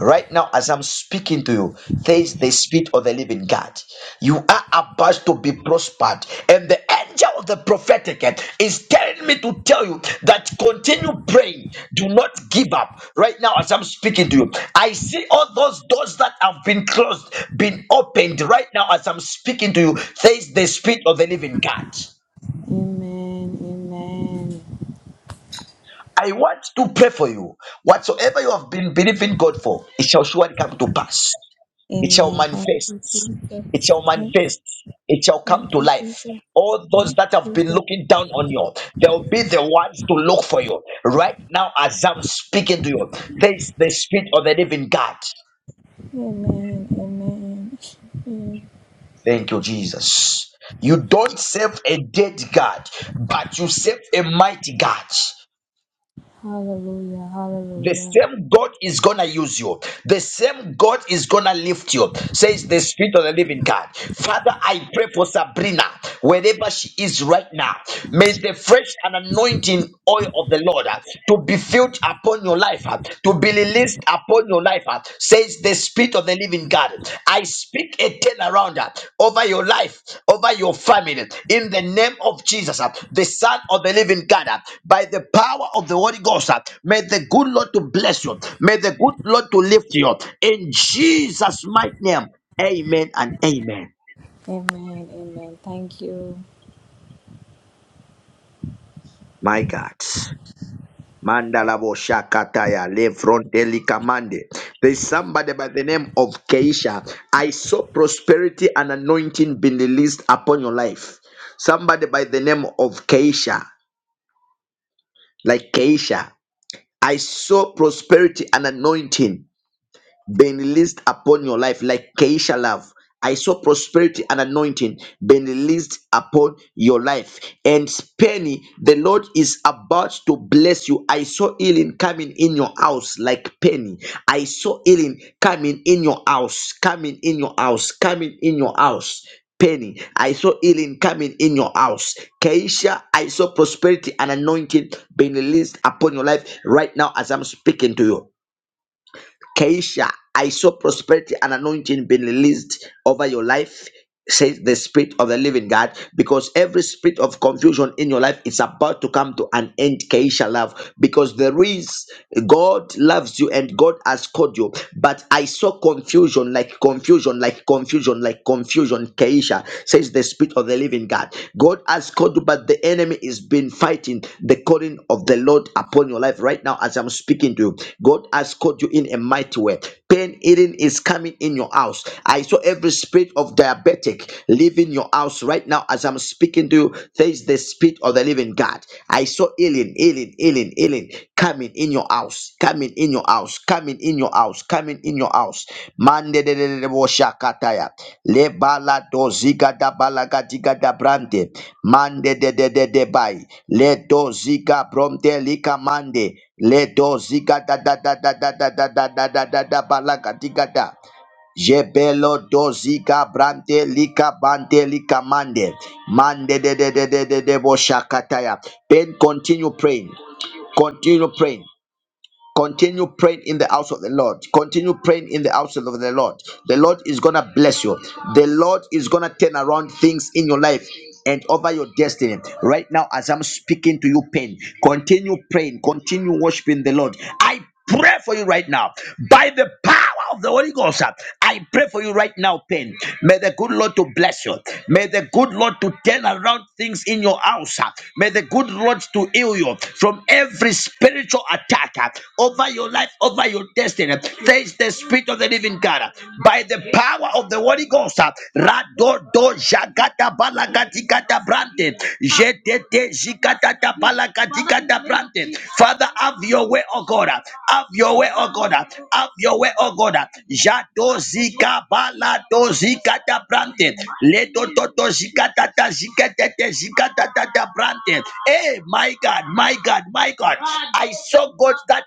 Speaker 2: Right now, as I'm speaking to you, says the Spirit of the Living God, you are about to be prospered. And the angel of the prophetic is telling me to tell you that continue praying. Do not give up. Right now, as I'm speaking to you, I see all those doors that have been closed, been opened. Right now, as I'm speaking to you, says the Spirit of the Living God.
Speaker 7: Amen. Amen.
Speaker 2: I want to pray for you. Whatsoever you have been believing God for, it shall surely come to pass. it shall
Speaker 7: Amen. Thank you,
Speaker 2: manifest
Speaker 7: Jesus.
Speaker 2: it shall
Speaker 7: Thank you.
Speaker 2: manifest it shall come
Speaker 7: Thank
Speaker 2: to
Speaker 7: you,
Speaker 2: life
Speaker 7: Jesus.
Speaker 2: all those
Speaker 7: Thank
Speaker 2: that have
Speaker 7: you,
Speaker 2: been
Speaker 7: Jesus.
Speaker 2: looking down on you they'll be the ones to look for you right now as i'm speaking to you thanks the spirit of the living god
Speaker 7: Amen. Amen. Amen.
Speaker 2: thank you jesus you don't serve a dead god but you serve a mighty god
Speaker 7: Hallelujah.
Speaker 2: The
Speaker 7: Hallelujah.
Speaker 2: same God is gonna use you. The same God is gonna lift you, says the Spirit of the Living God. Father, I pray for Sabrina, wherever she is right now. May the fresh and anointing oil of the Lord uh, to be filled upon your life, uh, to be released upon your life, uh, says the Spirit of the living God, I speak a turnaround uh, over your life, over your family, in the name of Jesus, uh, the Son of the living God, uh, by the power of the Holy Ghost. uh, May the good Lord to bless you. May the good Lord to lift you. up. In Jesus' mighty name, amen and amen.
Speaker 7: Amen. Amen. Thank you.
Speaker 2: My God. Mandalabo Shakataya Lefronteli Kamande. There's somebody by the name of Keisha. I saw prosperity and anointing being released upon your life. Somebody by the name of Keisha, like Keisha. I saw prosperity and anointing been released upon your life like Keisha love. I saw prosperity and anointing been released upon your life. And Penny, the Lord is about to bless you. I saw healing coming in your house like Penny. I saw healing coming in your house, coming in your house, coming in your house. Penny, I saw healing coming in your house. Keisha, I saw prosperity and anointing being released upon your life right now as I'm speaking to you. Keisha, I saw prosperity and anointing being released over your life, says the Spirit of the Living God, because every spirit of confusion in your life is about to come to an end, Keisha, love, because there is God loves you and God has called you. But I saw confusion, like confusion, like confusion, like confusion, Keisha, says the Spirit of the living God. God has called you, but the enemy has been fighting the calling of the Lord upon your life right now as I'm speaking to you. God has called you in a mighty way. Pain eating is coming in your house. I saw every spirit of diabetic leaving your house right now as I'm speaking to you. There is the spirit of the living God. I saw healing, healing, healing healing, healing coming in your house, coming in your house, coming in your house, coming in your house. Mande de de de de bo shakataya. Le bala do ziga da bala ga diga da brande. Mande de de de de bai. Le do ziga bromde lika mande. Le do ziga da da da da da da da da da da da da bala diga da. Jebelo doziga brante lika bante lika mande mande de de de de de de bo shakataya. Ben continue praying. Continue praying. Continue praying in the house of the Lord. Continue praying in the house of the Lord. The Lord is going to bless you. The Lord is going to turn around things in your life and over your destiny. Right now, as I'm speaking to you, pain, continue praying. Continue worshiping the Lord. I pray for you right now by the power power of the Holy Ghost. uh, I pray for you right now, pain. May the good Lord to bless you. May the good Lord to turn around things in your house. uh. May the good Lord to heal you from every spiritual attack uh, over your life, over your destiny. Thanks the Spirit of the Living God uh, by the power of the Holy Ghost. uh, Radodo jagada balagadigada brande. Jedede jigadada balagadigada brande. Father, have your way, O God. uh, Have your way, O God. uh, Have your way, oh God. uh, Jado zika balado zigada brande. Ledo dodo jigadada jigadada jigadada brande. Hey, my God, my God, my God. So good that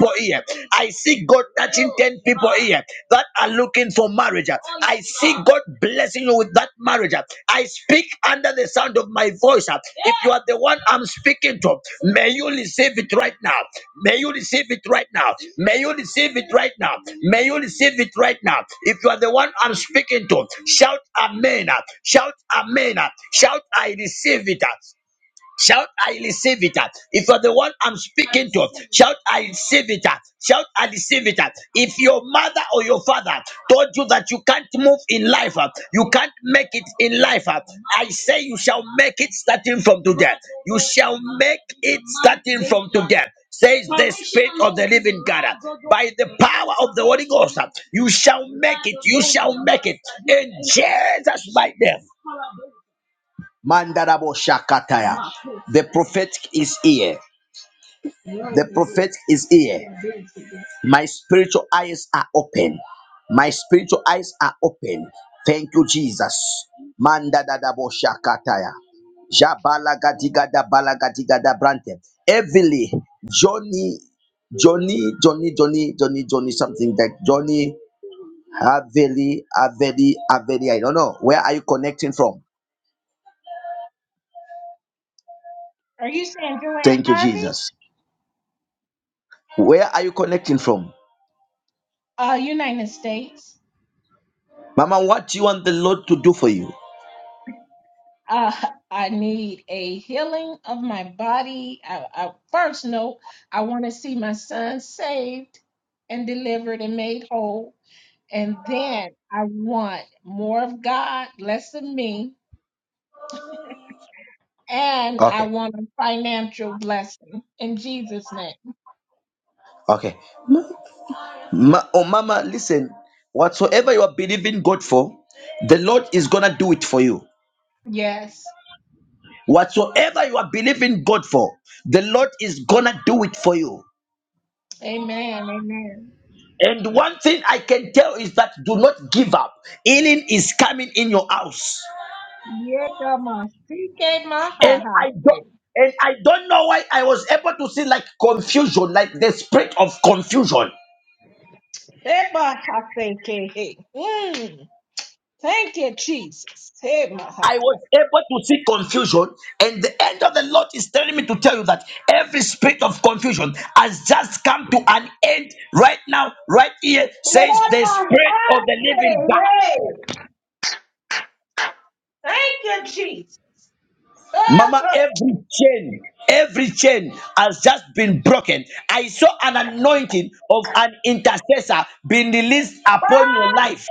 Speaker 2: people here. I see God touching 10 people here that are looking for marriage. I see God blessing you with that marriage. I speak under the sound of my voice. If you are the one I'm speaking to, may you receive it right now. May you receive it right now. May you receive it right now. May you receive it right now. If you are the one I'm speaking to, shout amen. Shout amen. Shout I receive it. Shout, I receive it. If you're the one I'm I speaking to, receive it. shout, I receive it. Shout, I receive it. If your mother or your father told you that you can't move in life, uh, you can't make it in life, uh, I say you shall make it starting from today. You shall make it starting from today. Says the Spirit of the Living God. By the power of the Holy Ghost, uh, you shall make it. You shall make it in Jesus' mighty name. Mandarabo Shakataya. The prophetic is here. The prophetic is here. My spiritual eyes are open. My spiritual eyes are open. Thank you, Jesus. Mandarabo Shakataya. Jabalagadigada balagadagada brante. Heavily, Johnny, Johnny, Johnny, Johnny, Johnny, Johnny, something like Johnny, Haveli, Haveli, Haveli. I don't know. Where are you connecting from?
Speaker 8: Are you saying Joanne
Speaker 2: Thank you,
Speaker 8: Harvey?
Speaker 2: Jesus. Where are you connecting from?
Speaker 8: Uh, United States.
Speaker 2: Mama, what do you want the Lord to do for you?
Speaker 8: Uh, I need a healing of my body. I, I, first note, I want to see my son saved and delivered and made whole. And then I want more of God, less of me. And I
Speaker 2: Okay,
Speaker 8: want a financial blessing in Jesus' name.
Speaker 2: okay. Ma- oh, Mama, listen. Whatsoever you are believing God for, the Lord is gonna do it for you.
Speaker 8: Yes.
Speaker 2: Whatsoever you are believing God for, the Lord is gonna do it for you.
Speaker 8: Amen. Amen.
Speaker 2: And one thing I can tell is that do not give up. Healing is coming in your house.
Speaker 8: Yeah, God, my CK, my
Speaker 2: And
Speaker 8: ha
Speaker 2: I
Speaker 8: ha.
Speaker 2: don't and I don't know why I was able to see like confusion, like the spirit of confusion.
Speaker 8: Hey, Maha, thank you. Hey. Mm. Thank you, Jesus. Hey, Maha.
Speaker 2: I was able to see confusion, and the end of the Lord is telling me to tell you that every spirit of confusion has just come to an end right now, right here,
Speaker 8: Hey,
Speaker 2: says the
Speaker 8: Maha,
Speaker 2: spirit of the
Speaker 8: say,
Speaker 2: living God.
Speaker 8: hey. Thank you, Jesus. Oh,
Speaker 2: Mama,
Speaker 8: oh,
Speaker 2: every chain, every chain has just been broken. I saw an anointing of an intercessor being released upon your
Speaker 8: oh,
Speaker 2: life.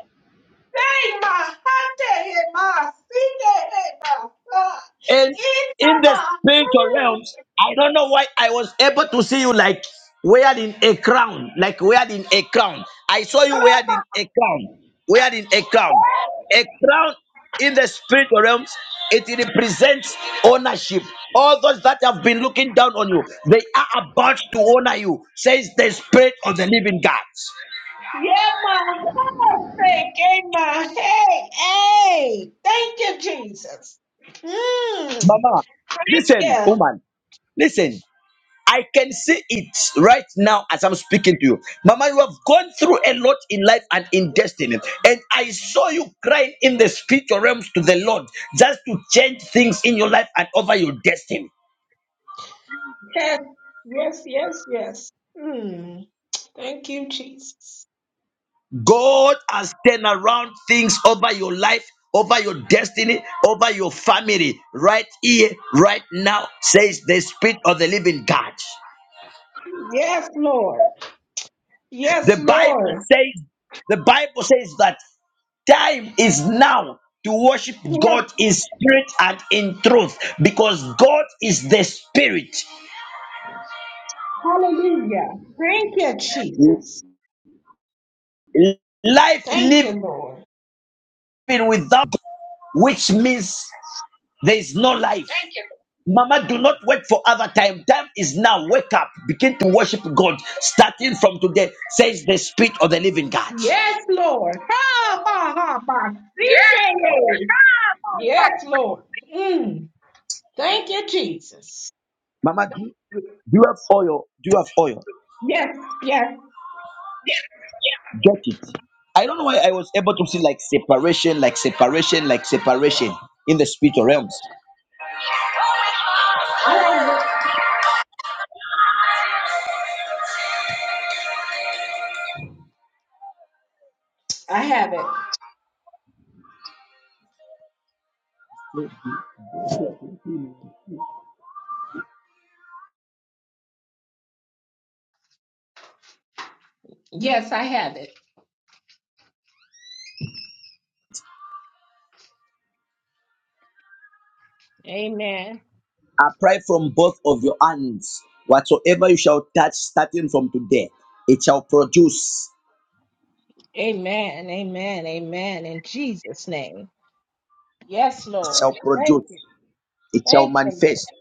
Speaker 8: say, Maha, say, hey, Maha, see, hey, hey, Maha.
Speaker 2: And
Speaker 8: In the
Speaker 2: in the spiritual
Speaker 8: Maha.
Speaker 2: realms, I don't know why I was able to see you like wearing a crown, like wearing a crown. I saw you
Speaker 8: Hello, Maha.
Speaker 2: wearing a crown, wearing a crown. A crown in the spiritual realms, it represents ownership. All those that have been looking down on you, they are about to honor you, says the spirit of the living God.
Speaker 8: Yeah, Maha, thank you, Maha. Hey, hey. Thank you, Jesus. Mm.
Speaker 2: Mama,
Speaker 8: Thank
Speaker 2: listen,
Speaker 8: you.
Speaker 2: woman, listen. I can see it right now as I'm speaking to you. Mama, you have gone through a lot in life and in destiny. And I saw you crying in the spiritual realms to the Lord just to change things in your life and over your destiny.
Speaker 8: Yes, yes, yes, yes. Mm. Thank you, Jesus.
Speaker 2: God has turned around things over your life, over your destiny, over your family, right here, right now, says the Spirit of the Living God.
Speaker 8: Yes, Lord.
Speaker 2: The
Speaker 8: Yes,
Speaker 2: Bible
Speaker 8: Lord.
Speaker 2: says, the Bible says that time is now to worship
Speaker 8: Yes,
Speaker 2: God in spirit and in truth because God is the spirit.
Speaker 8: hallelujah. Thank you, Jesus.
Speaker 2: Life
Speaker 8: Thank you,
Speaker 2: living
Speaker 8: Lord.
Speaker 2: without God, which means there is no life. Thank you. Mama, do not wait for other time. Time is now. Wake up. Begin to worship God starting from today, says the spirit of the living God.
Speaker 8: Yes, Lord. Ha, ha, ha, ha. CJ. Yes, Lord. Mm. Thank you, Jesus.
Speaker 2: Mama, do do you have oil? Do you have oil?
Speaker 8: Yes, yes.
Speaker 2: Get it. I don't know why I was able to see like separation, like separation, like separation in the spiritual realms.
Speaker 8: I have it. I have it. Yes, I have it. Amen.
Speaker 2: Apply from both of your hands. Whatsoever you shall touch starting from today, it shall produce,
Speaker 8: Amen. Amen. Amen. In Jesus' name. Yes,
Speaker 2: it
Speaker 8: Lord.
Speaker 2: shall
Speaker 8: Thank
Speaker 2: produce,
Speaker 8: you.
Speaker 2: it shall
Speaker 8: Thank you, Lord.
Speaker 2: manifest,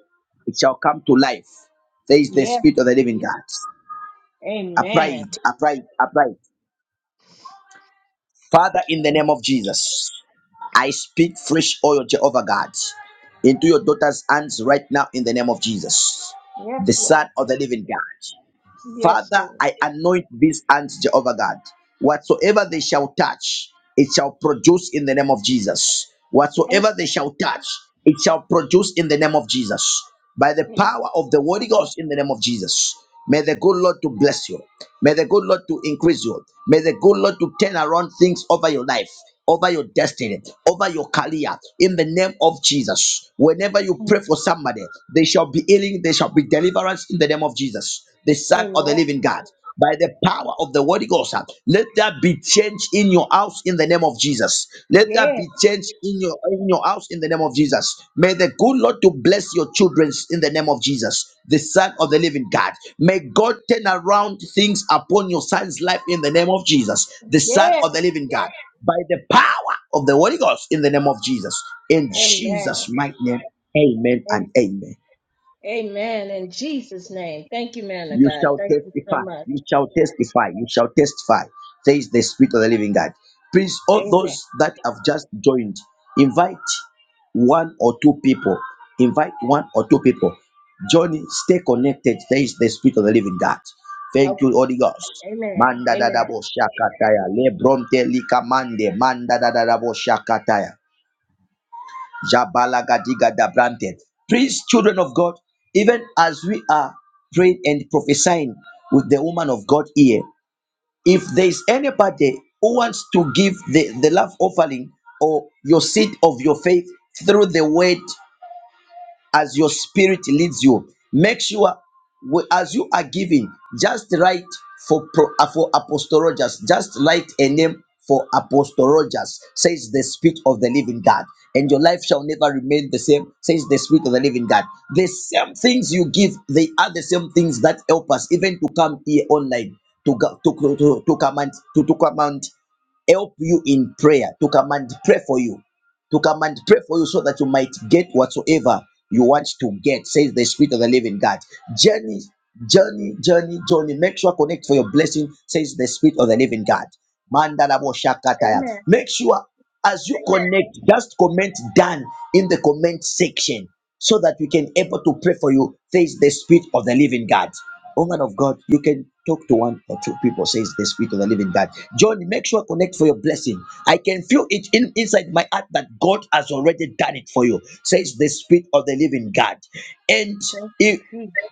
Speaker 2: it shall come to life. There is the
Speaker 8: Yes.
Speaker 2: spirit of the living God. Apply
Speaker 8: Amen.
Speaker 2: it, apply it, apply it. Father, in the name of Jesus. I speak fresh oil, Jehovah God, into your daughter's hands right now in the name of Jesus,
Speaker 8: Yes,
Speaker 2: the
Speaker 8: Lord.
Speaker 2: Son of the Living God.
Speaker 8: Yes,
Speaker 2: Father,
Speaker 8: Lord.
Speaker 2: I anoint these hands, Jehovah God. Whatsoever they shall touch, it shall produce in the name of Jesus.
Speaker 8: Yes.
Speaker 2: Whatsoever they shall touch, it shall produce in the name of Jesus. By the
Speaker 8: Yes.
Speaker 2: power of the Holy Ghost in the name of Jesus. May the good Lord to bless you. May the good Lord to increase you. May the good Lord to turn around things over your life over your destiny, over your career, in the name of Jesus. Whenever you
Speaker 8: yes.
Speaker 2: pray for somebody, they shall be healing, they shall be deliverance in the name of Jesus, the Son of the
Speaker 8: Amen.
Speaker 2: living God. By the power of the Holy Ghost, uh, let that be change in your house in the name of Jesus. Let that
Speaker 8: Yes.
Speaker 2: be change in your in your house in the name of Jesus. May the good Lord to bless your children in the name of Jesus, the Son of the Living God. May God turn around things upon your son's life in the name of Jesus, the Son
Speaker 8: Yes.
Speaker 2: of the Living God by the power of the Holy Ghost in the name of Jesus. In Jesus'
Speaker 8: Amen.
Speaker 2: mighty name, amen and
Speaker 8: And
Speaker 2: amen.
Speaker 8: amen. In Jesus' name. Thank you, man of
Speaker 2: You
Speaker 8: God.
Speaker 2: shall
Speaker 8: Thank you so
Speaker 2: testify,
Speaker 8: much.
Speaker 2: you shall testify, you shall testify, says the Spirit of the Living God. Please, all
Speaker 8: Amen.
Speaker 2: those that have just joined, invite one or two people. Invite one or two people. Johnny, stay connected, says the Spirit of the Living God. Thank
Speaker 8: Okay.
Speaker 2: you, Holy Ghost.
Speaker 8: Amen.
Speaker 2: Manda da da
Speaker 8: Amen.
Speaker 2: bo shakataya. Lebronte likamande. Manda da da da bo shakataya. Jabalagadigadabranted. Please, children of God, even as we are praying and prophesying with the woman of God here, if there is anybody who wants to give the, the love offering or your seed of your faith through the word as your spirit leads you. Make sure we- as you are giving, just write for pro, uh, for Apostle Rogers. Just write a name for Apostle Rogers. Says the Spirit of the Living God, and your life shall never remain the same. Says the Spirit of the Living God. The same things you give, they are the same things that help us even to come here online to go, to, to to command to to command help you in prayer, to come and pray for you, to come and pray for you so that you might get whatsoever you want to get, says the Spirit of the Living God. Journey, journey, journey, journey. Make sure connect for your blessing, says the Spirit of the Living God. Mandala bo shakataya.
Speaker 8: Amen.
Speaker 2: Make sure as you connect, just comment done in the comment section so that we can able to pray for you, says the Spirit of the Living God. Woman of God, you can talk to one or two people, says the Spirit of the Living God. John, make sure connect for your blessing. I can feel it in, inside my heart that God has already done it for you, says the Spirit of the Living God. And
Speaker 8: Thank you,
Speaker 2: if.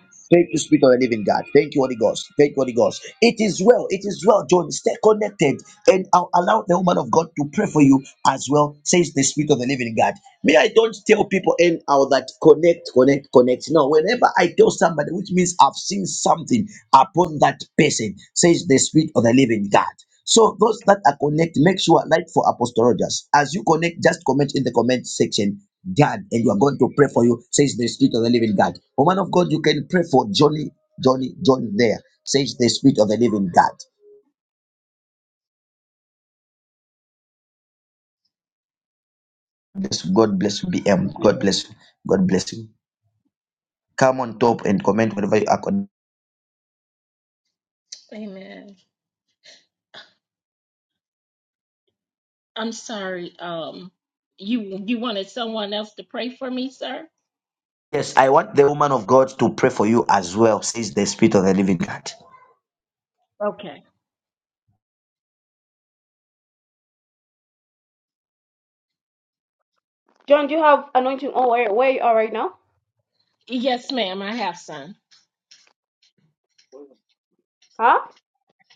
Speaker 8: Jesus.
Speaker 2: Thank you, Spirit of the Living God. Thank you, Holy Ghost. Thank you, Holy Ghost. It is well. It is well, John. Stay connected and I'll allow the woman of God to pray for you as well, says the Spirit of the Living God. Me, I don't tell people anyhow that connect, connect, connect. No, whenever I tell somebody, which means I've seen something upon that person, says the Spirit of the Living God. So those that are connected, make sure like for Apostle Rogers. As you connect, just comment in the comment section God, and you are going to pray for you, says the Spirit of the Living God. Woman of God, you can pray for Johnny, Johnny, Johnny there, says the Spirit of the Living God. Yes, God bless you, BM. God bless you. God bless you. Come on top and comment whatever you are. Con-
Speaker 8: Amen. I'm sorry. Um, you you wanted someone else to pray for me, sir?
Speaker 2: yes, I want the woman of God to pray for you as well, says the Spirit of the Living God.
Speaker 8: Okay.
Speaker 1: John, do you have anointing on where, where you are right now?
Speaker 8: Yes, ma'am. I have some.
Speaker 1: Huh?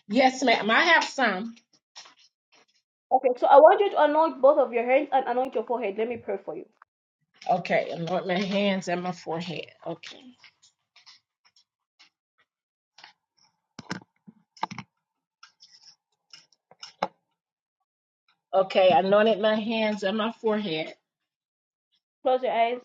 Speaker 8: Yes, ma'am. I have some.
Speaker 1: Okay, so I want you to anoint both of your hands and anoint your forehead. Let me pray for you.
Speaker 8: Okay, anoint my hands and my forehead. Okay. Okay, I anointed my hands and my forehead.
Speaker 1: Close your eyes.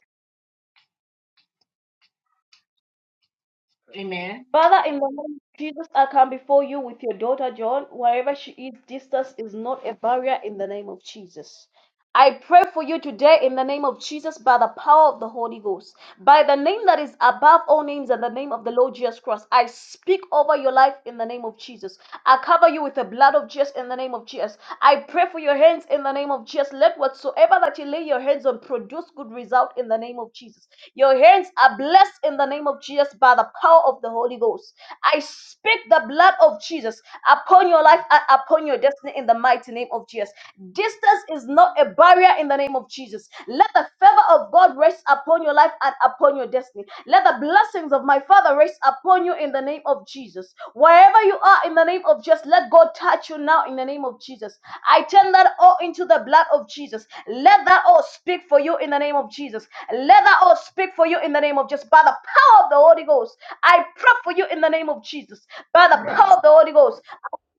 Speaker 8: Amen.
Speaker 1: Father, in the name of Jesus, I come before you with your daughter John. Wherever she is, distance is not a barrier in the name of Jesus. I pray for you today in the name of Jesus by the power of the Holy Ghost, by the name that is above all names and the name of the Lord Jesus Christ. I speak over your life in the name of Jesus. I cover you with the blood of Jesus in the name of Jesus. I pray for your hands in the name of Jesus. Let whatsoever that you lay your hands on produce good result in the name of Jesus. Your hands are blessed in the name of Jesus by the power of the Holy Ghost. I speak the blood of Jesus upon your life and upon your destiny in the mighty name mighty name of Jesus. Distance is not a barrier in the name of Jesus. Let the favor of God rest upon your life and upon your destiny. Let the blessings of my Father rest upon you in the name of Jesus. Wherever you are in the name of Jesus, let God touch you now in the name of Jesus. I turn that all into the blood of Jesus. Let that all speak for you in the name of Jesus. Let that all speak for you in the name of Jesus. By the power of the Holy Ghost, I pray for you in the name of Jesus. By the power
Speaker 8: Yes,
Speaker 1: of the Holy Ghost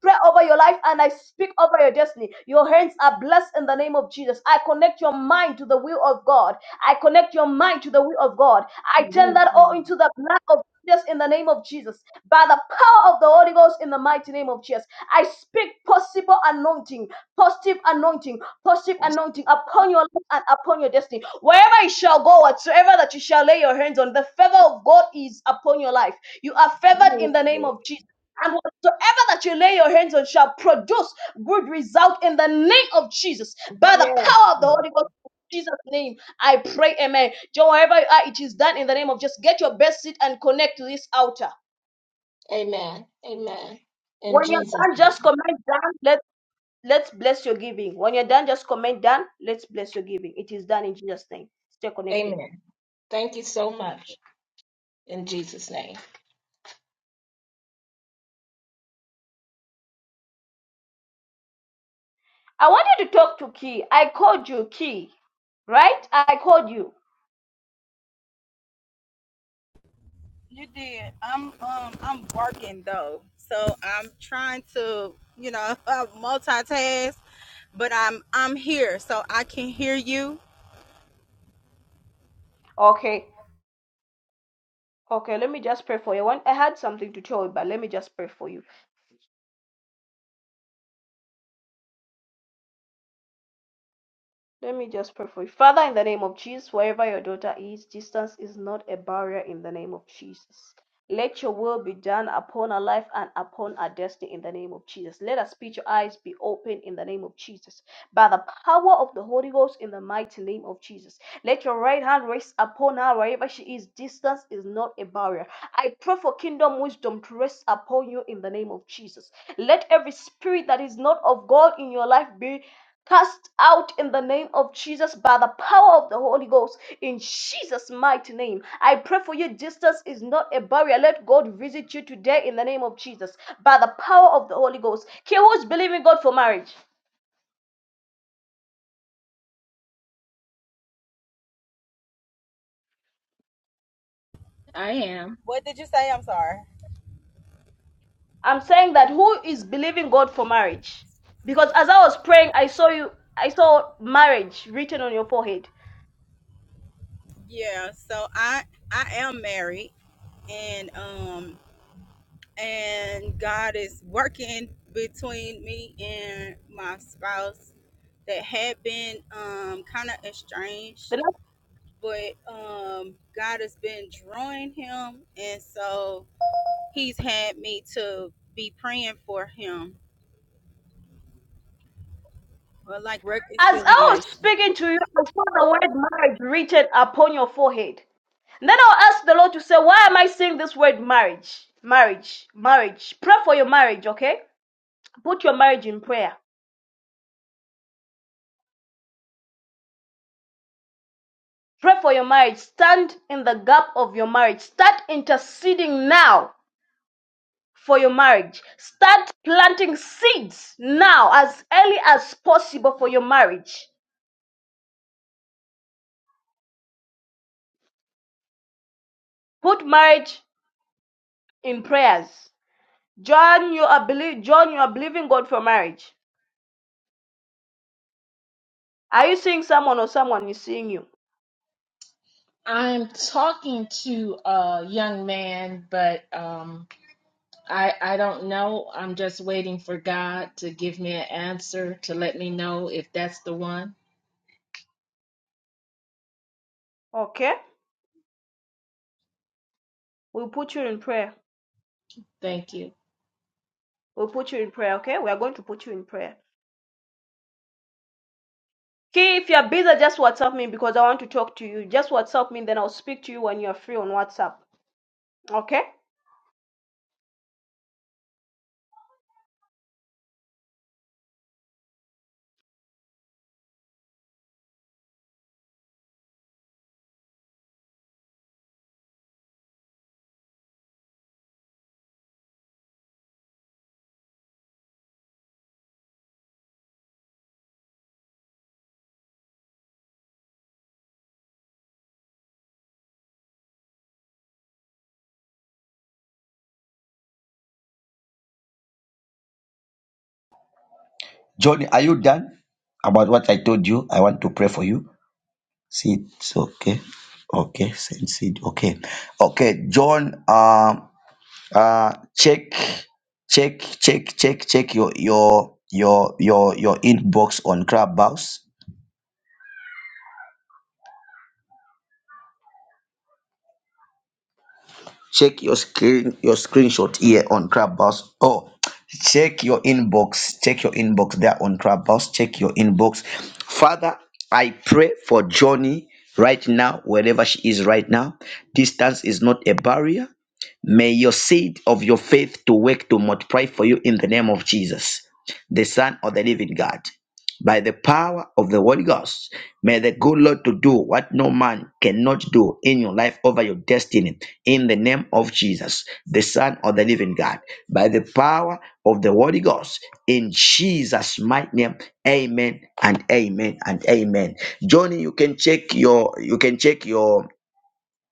Speaker 1: pray over your life and I speak over your destiny. Your hands are blessed in the name of Jesus. I connect your mind to the will of God. I connect your mind to the will of God. I turn
Speaker 8: yes,
Speaker 1: that all
Speaker 8: Lord.
Speaker 1: into the blood of Jesus in the name of Jesus. By the power of the Holy Ghost in the mighty name of Jesus. I speak possible anointing, positive anointing, positive
Speaker 8: Yes,
Speaker 1: anointing upon your life and upon your destiny. Wherever you shall go, whatsoever that you shall lay your hands on, the favor of God is upon your life. You are favored in the name
Speaker 8: Lord.
Speaker 1: of Jesus. and. Whatsoever that you lay your hands on shall produce good result in the name of Jesus. By the
Speaker 8: Yes,
Speaker 1: power of the
Speaker 8: Lord.
Speaker 1: Holy Ghost, in Jesus' name, I pray, amen. John, wherever you are, it is done in the name of just get your best seat and connect to this altar.
Speaker 8: Amen. Amen. In
Speaker 1: When
Speaker 8: Jesus.
Speaker 1: you're done,
Speaker 8: name.
Speaker 1: just comment down. Let, let's bless your giving. When you're done, just comment down. Let's bless your giving. It is done in Jesus' name. Stay connected.
Speaker 8: Amen. Thank you so much. In Jesus' name.
Speaker 1: I wanted to talk to Key. I called you, Key, right? I called you.
Speaker 6: You did. I'm um I'm working though. So I'm trying to, you know, (laughs) multitask, but I'm I'm here so I can hear you.
Speaker 1: Okay. Okay, let me just pray for you. I want I had something to tell you, but let me just pray for you. Let me just pray for you. Father, in the name of Jesus, wherever your daughter is, distance is not a barrier in the name of Jesus. Let your will be done upon our life and upon our destiny in the name of Jesus. Let our spiritual eyes be open in the name of Jesus. By the power of the Holy Ghost in the mighty name of Jesus. Let your right hand rest upon her wherever she is. Distance is not a barrier. I pray for kingdom wisdom to rest upon you in the name of Jesus. Let every spirit that is not of God in your life be Cast out in the name of Jesus by the power of the Holy Ghost. In Jesus' mighty name. I pray for you. Distance is not a barrier. Let God visit you today in the name of Jesus by the power of the Holy Ghost. Okay, who's believing God for marriage?
Speaker 8: I am.
Speaker 6: What did you say? I'm sorry.
Speaker 1: I'm saying that who is believing God for marriage? Because as I was praying, I saw you, I saw marriage written on your forehead.
Speaker 6: Yeah, so I I am married and um and God is working between me and my spouse that had been um kind of estranged
Speaker 1: The next,
Speaker 6: but um God has been drawing him and so he's had me to be praying for him for like
Speaker 1: as I was
Speaker 6: reconciliation.
Speaker 1: speaking to you, I saw the word marriage written upon your forehead. Then I'll ask the Lord to say, why am I saying this word marriage? Marriage, marriage. Pray for your marriage, okay? Put your marriage in prayer. Pray for your marriage. Stand in the gap of your marriage. Start interceding now for your marriage. Start planting seeds now as early as possible for your marriage. Put marriage in prayers. John, you are believe John, you are believing God for marriage. Are you seeing someone or someone is seeing you?
Speaker 8: I'm talking to a young man, but um I I don't know. I'm just waiting for God to give me an answer to let me know if that's the one.
Speaker 1: Okay? We'll put you in prayer.
Speaker 8: Thank you.
Speaker 1: We'll put you in prayer, okay? We are going to put you in prayer. Okay, if you're busy, just WhatsApp me because I want to talk to you. Just WhatsApp me, then I'll speak to you when you're free on WhatsApp. Okay?
Speaker 2: Johnny, are you done about what I told you? I want to pray for you. See, it's okay. Okay, send seed. Okay. Okay, John. Um, uh check check check check check your your your your your inbox on clubhouse check your screen your screenshot here on clubhouse oh check your inbox check your inbox there on clubhouse check your inbox father i pray for johnny right now wherever she is right now distance is not a barrier may your seed of your faith to work to multiply for you in the name of jesus the son of the living god by the power of the Holy Ghost. May the good Lord to do what no man cannot do in your life over your destiny in the name of Jesus, the Son of the Living God, by the power of the Holy Ghost in Jesus' mighty name. Amen and amen and amen. Johnny, you can check your you can check your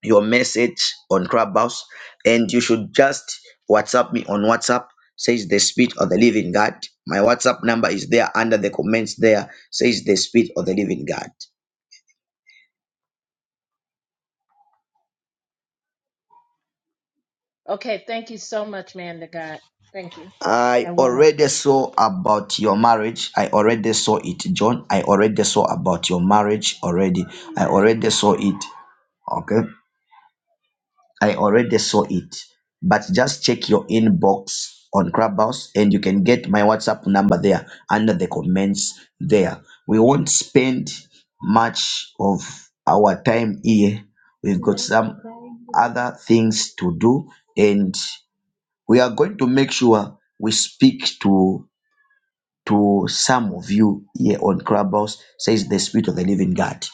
Speaker 2: your message on Clubhouse, and you should just WhatsApp me on WhatsApp. Says the Spirit of the Living God. My WhatsApp number is there under the comments. There says the Spirit of the Living God.
Speaker 8: Okay, thank you so much, man to God. Thank you.
Speaker 2: I
Speaker 8: And woman to
Speaker 2: already
Speaker 8: God.
Speaker 2: saw about your marriage. I already saw it, John. I already saw about your marriage already. I already saw it. Okay. I already saw it. But just check your inbox on Clubhouse and you can get my WhatsApp number there under the comments there. We won't spend much of our time here. We've got some other things to do and we are going to make sure we speak to to some of you here on Clubhouse, says the Spirit of the Living God.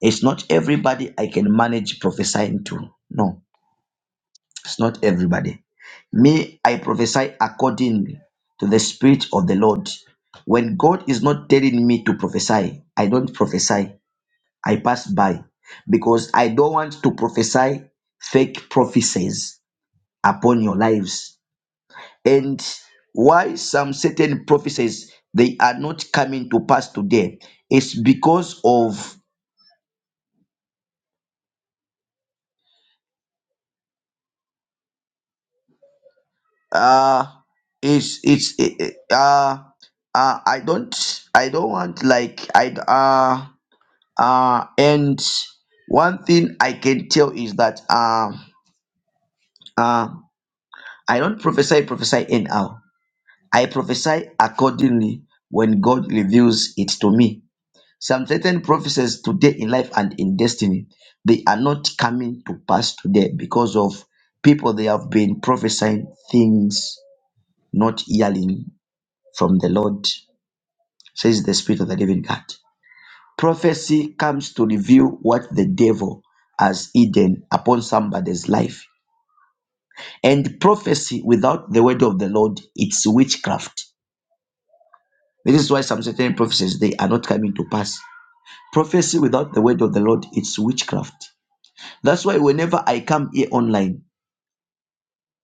Speaker 2: It's not everybody I can manage prophesying to. No it's not everybody. Me, I prophesy according to the Spirit of the Lord. When God is not telling me to prophesy, I don't prophesy. I pass by because I don't want to prophesy fake prophecies upon your lives. And why some certain prophecies they are not coming to pass today is because of uh it's it's uh uh uh, I don't I don't want like I uh Uh, and one thing I can tell is that um, uh, I don't prophesy, prophesy anyhow. I prophesy accordingly when God reveals it to me. Some certain prophecies today in life and in destiny, they are not coming to pass today because of people they have been prophesying things not hearing from the Lord, says the Spirit of the living God. Prophecy comes to reveal what the devil has hidden upon somebody's life. And prophecy without the word of the Lord, it's witchcraft. This is why some certain prophecies they are not coming to pass. Prophecy without the word of the Lord, it's witchcraft. That's why whenever I come here online,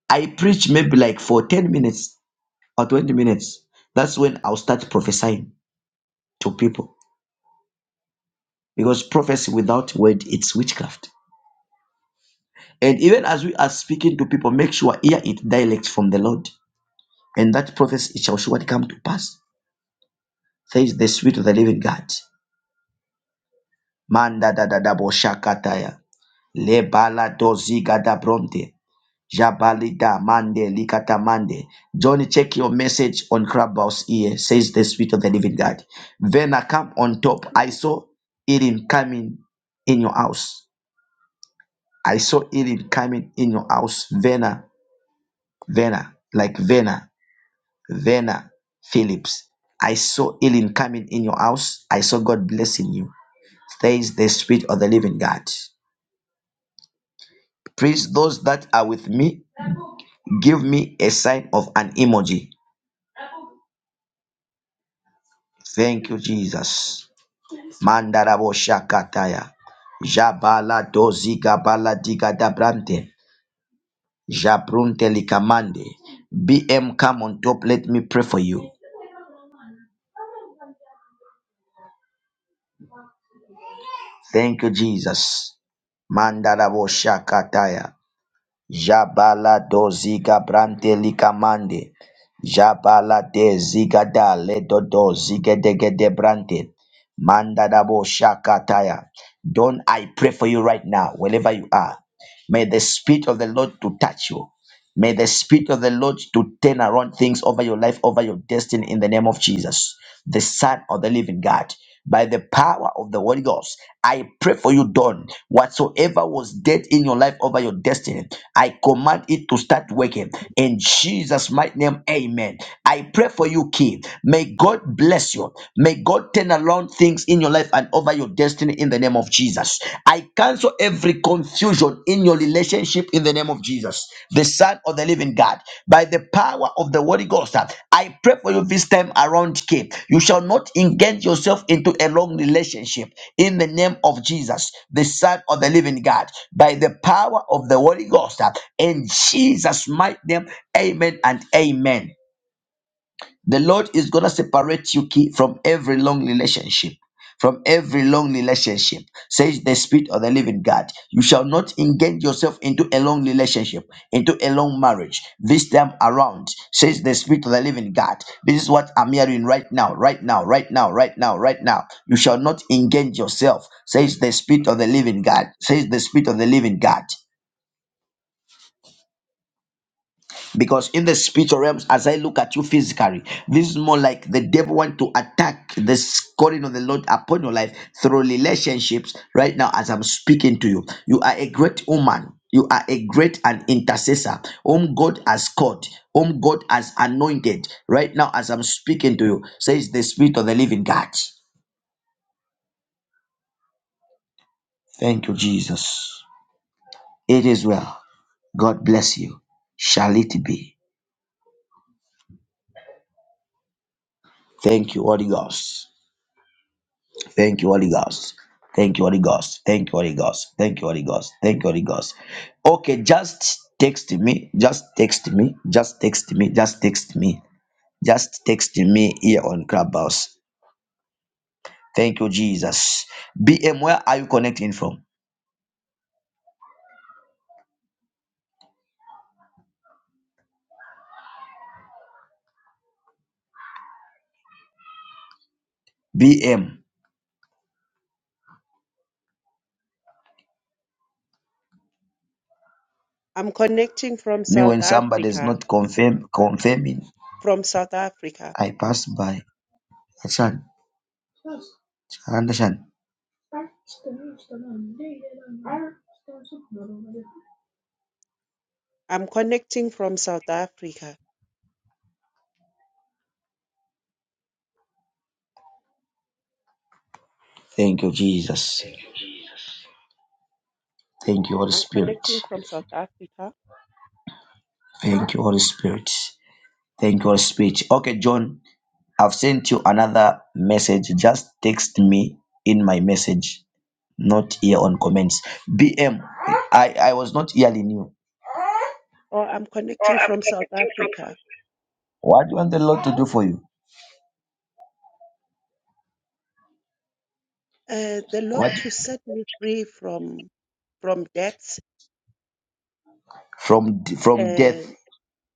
Speaker 2: I preach maybe like for 10 minutes or 20 minutes. That's when I'll start prophesying to people. Because prophecy without word, it's witchcraft. And even as we are speaking to people, make sure hear it direct from the Lord. And that prophecy it shall surely come to pass. Says the Spirit of the Living God. Manda da da da bo shakataya. Le bala do ziga da bronte. Jabali da mande likata mande. Johnny, check your message on Clubhouse here. Says the Spirit of the Living God. Then I come on top. I saw Elim coming in your house. I saw Elim coming in your house. Vena, Vena, like Vena. Vena Phillips. I saw healing coming in your house. I saw God blessing you. Says the Spirit of the Living God. Please, those that are with me, give me a sign of an emoji. Thank you, Jesus. Mandarabo Shakataya. Jabala doziga bala diga dabrante. Jabrunte likamande. BM come on top. Let me pray for you. Thank you, Jesus. Mandarabo Shakataya. Jabala doziga brante likamande. Jabalade zigada ledodo zigedegede brante. Mandadabo shakataya. Don't I pray for you right now, wherever you are. May the Spirit of the Lord to touch you. May the Spirit of the Lord to turn around things over your life, over your destiny in the name of Jesus, the Son of the living God. By the power of the Holy Ghost, I pray for you, Dawn. Whatsoever was dead in your life over your destiny, I command it to start working. In Jesus' mighty name, amen. I pray for you, Key. May God bless you. May God turn around things in your life and over your destiny destiny in the name of Jesus. I cancel every confusion in your relationship in the name of Jesus, the Son of the Living God. By the power of the Holy Ghost, I pray for you this time around, Cape. You shall not engage yourself into a long relationship in the name of Jesus, the Son of the Living God. By the power of the Holy Ghost, in Jesus' mighty name, amen and amen. The Lord is going to separate you ki- from every long relationship. From every long relationship, says the Spirit of the Living God. You shall not engage yourself into a long relationship, into a long marriage this time around, says the Spirit of the Living God. This is what I'm hearing right now, right now, right now, right now, right now. You shall not engage yourself, says the Spirit of the Living God, says the Spirit of the Living God. Because in the spiritual realms, as I look at you physically, this is more like the devil want to attack the calling of the Lord upon your life through relationships. Right now, as I'm speaking to you, you are a great woman. You are a great and intercessor, whom God has called, whom God has anointed. Right now, as I'm speaking to you, says the Spirit of the Living God. Thank you, Jesus. It is well. God bless you. Shall it be? Thank you, Holy Ghost. Thank you, Holy Ghost. Thank you, Holy Ghost. Thank you, Holy Ghost. Thank you, Holy Ghost. Thank you, Holy Ghost. Okay, just text me. Just text me. Just text me. Just text me. Just text me here on Clubhouse. Thank you, Jesus. BM, where are you connecting from? BM.
Speaker 9: I'm connecting from
Speaker 2: Me
Speaker 9: South
Speaker 2: when somebody is
Speaker 9: Africa.
Speaker 2: not confirm confirming,
Speaker 9: From South Africa.
Speaker 2: I pass by. Understand? Understand?
Speaker 9: I'm connecting from South Africa.
Speaker 2: Thank you, Jesus. Thank you, Holy
Speaker 9: I'm
Speaker 2: Spirit.
Speaker 9: connecting from South Africa.
Speaker 2: Thank you, Holy Spirit. Thank you, Holy Spirit. Okay, John. I've sent you another message. Just text me in my message, not here on comments. B M. I I was not hearing you.
Speaker 9: Or I'm connecting from South Africa.
Speaker 2: What do you want the Lord to do for you?
Speaker 9: Uh, the Lord
Speaker 2: What
Speaker 9: to set me free from from debts
Speaker 2: from from death?
Speaker 9: and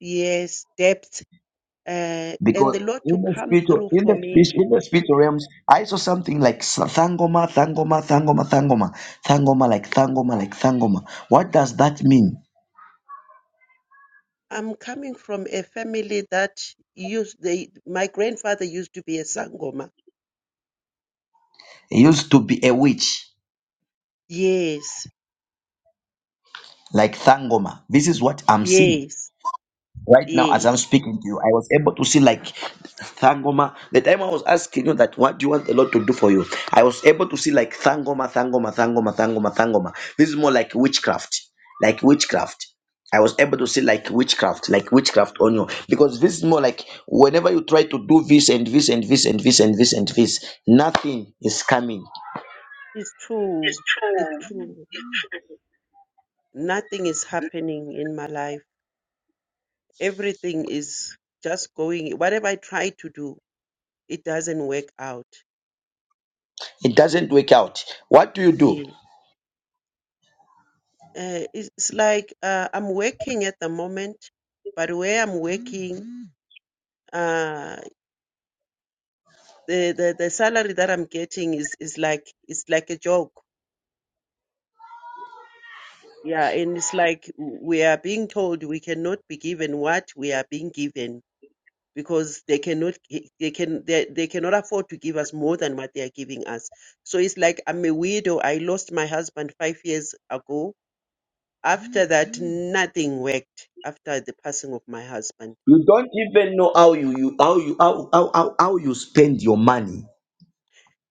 Speaker 9: yes, debts. Uh, and
Speaker 2: Because
Speaker 9: the Lord to
Speaker 2: in the
Speaker 9: come
Speaker 2: spiritual,
Speaker 9: through
Speaker 2: in the
Speaker 9: for me.
Speaker 2: spiritual, in the spiritual realms, I saw something like sa- thangoma, thangoma, thangoma, thangoma, thangoma, like thangoma, like thangoma. What does that mean?
Speaker 9: I'm coming from a family that used they my grandfather used to be a sangoma.
Speaker 2: It used to be a witch,
Speaker 9: Yes,
Speaker 2: like thangoma. This is what I'm seeing.
Speaker 9: yes,
Speaker 2: Right now, as
Speaker 9: yes.
Speaker 2: I'm speaking to you, I was able to see like Thangoma. The time I was asking you that, what do you want the Lord to do for you? I was able to see like Thangoma, Thangoma, Thangoma, Thangoma, Thangoma. This is more like witchcraft, like witchcraft. I was able to see like witchcraft, like witchcraft on you, because this is more like whenever you try to do this and this and this and this and this and this, nothing is coming.
Speaker 9: It's true. It's true. Nothing is happening in my life. Everything is just going. Whatever I try to do, it doesn't work out.
Speaker 2: It doesn't work out. What do you do?
Speaker 9: Yeah. Uh, it's it's like uh, I'm working at the moment, but where I'm working, uh, the, the the salary that I'm getting is is like it's like a joke. Yeah, and it's like we are being told we cannot be given what we are being given because they cannot they can they, they cannot afford to give us more than what they are giving us so it's like i'm a widow i lost my husband 5 years ago after that Mhm. nothing worked after the passing of my husband
Speaker 2: You don't even know how you, you how you how, how, how, how you spend your money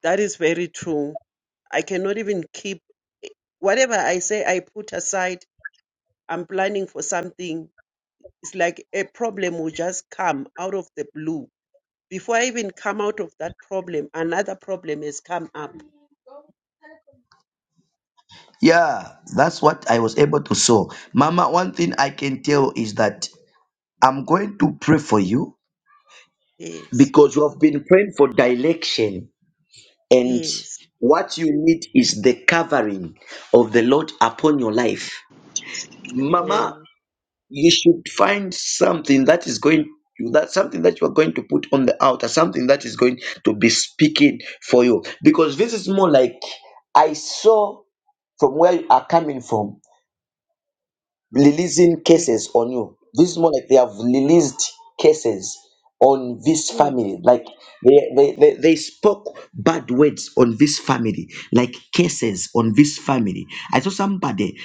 Speaker 9: that is very true i cannot even keep whatever i say i put aside i'm planning for something it's like a problem will just come out of the blue before i even come out of that problem another problem has come up
Speaker 2: Yeah, that's what I was able to sow. Mama, one thing I can tell is that I'm going to pray for you
Speaker 9: yes
Speaker 2: because you have been praying for direction and
Speaker 9: yes
Speaker 2: what you need is the covering of the Lord upon your life. Mama,
Speaker 9: amen
Speaker 2: you should find something that is going that something that you are going to put on the altar, something that is going to be speaking for you. Because this is more like I saw from where you are coming from releasing
Speaker 9: Mm,
Speaker 2: cases on you. This is more like they have released cases on this
Speaker 9: mm,
Speaker 2: family. Like they, they, they, they spoke bad words on this family, like cases on this family. I saw somebody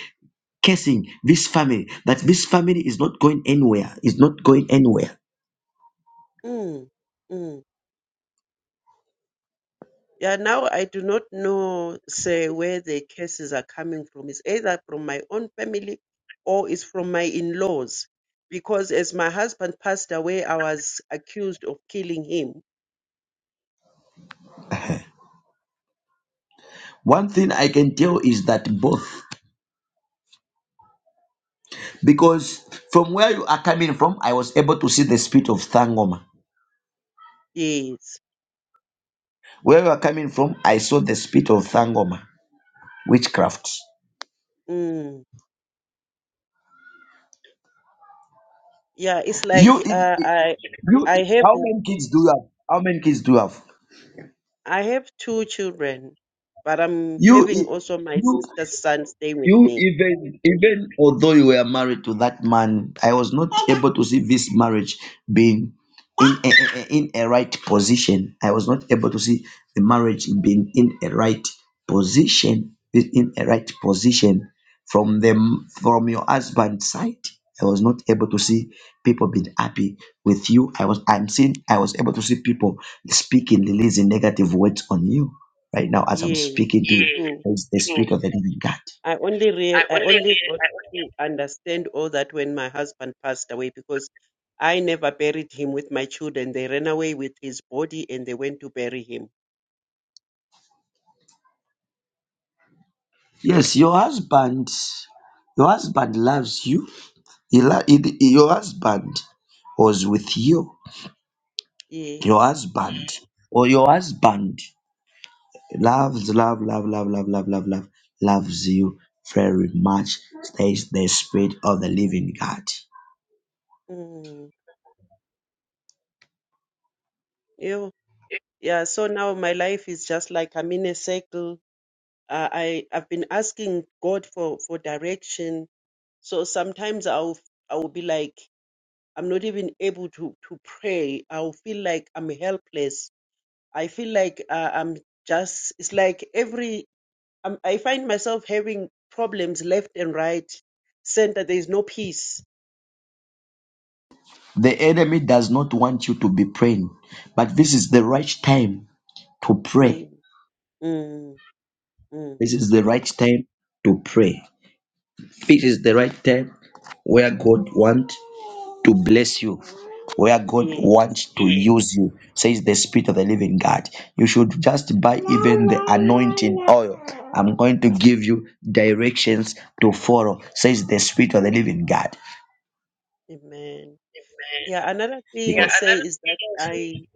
Speaker 2: cursing this family, that this family is not going anywhere, is not going anywhere.
Speaker 9: mm, mm. Yeah, now I do not know, say, where the cases are coming from. It's either from my own family or it's from my in-laws. Because as my husband passed away, I was accused of killing him.
Speaker 2: One thing I can tell is that both, because from where you are coming from, I was able to see the spirit of Thangoma.
Speaker 9: Yes.
Speaker 2: Where you are coming from, I saw the spirit of Thangoma, witchcraft.
Speaker 9: Mm. Yeah, it's like
Speaker 2: You, if,
Speaker 9: uh,
Speaker 2: if-
Speaker 9: I,
Speaker 2: you,
Speaker 9: I
Speaker 2: if-
Speaker 9: have,
Speaker 2: how many kids do you have? How many kids do you have?
Speaker 9: I have two children, but I'm
Speaker 2: You,
Speaker 9: having
Speaker 2: if,
Speaker 9: also my
Speaker 2: you.
Speaker 9: sister's son stay with
Speaker 2: You
Speaker 9: me.
Speaker 2: even even although you were married to that man, I was not able to see this marriage being in a, a- a- in a right position. I was not able to see the marriage being in a right position, being in a right position from them from your husband's side. I was not able to see people being happy with you. I was I'm seeing I was able to see people speaking, releasing negative words on you right now as I'm
Speaker 9: Yeah,
Speaker 2: speaking to you.
Speaker 9: true.
Speaker 2: Mm, It's the mm. spirit of the living God.
Speaker 9: I only rea- I only got to understand all that when my husband passed away because I never buried him with my children. They ran away with his body and they went to bury him.
Speaker 2: Yes, your husband, your husband loves you. He, lo- he, he- your husband was with you. Your
Speaker 9: Yes.
Speaker 2: husband, or your husband, loves, love, love, love, love, love, love, love, loves you very much. There is the spirit of the living God.
Speaker 9: Mm. Ew. Yeah. So now my life is just like I'm in a circle. Uh, I I've been asking God for for direction. So sometimes I'll I'll be like I'm not even able to to pray. I'll feel like I'm helpless. I feel like uh, I'm just it's like every i I find myself having problems left and right, center. There is no peace.
Speaker 2: The enemy does not want you to be praying, but this is the right time to pray.
Speaker 9: Mm, mm, mm.
Speaker 2: This is the right time to pray. This is the right time where God wants. to bless you, where God
Speaker 9: Yes.
Speaker 2: wants to use you, says the Spirit of the Living God. You should just buy
Speaker 9: Amen.
Speaker 2: even the anointing oil. I'm going to give you directions to follow, says the Spirit of the Living God.
Speaker 9: Amen. Yeah. Another thing,
Speaker 2: Because,
Speaker 9: say, is that I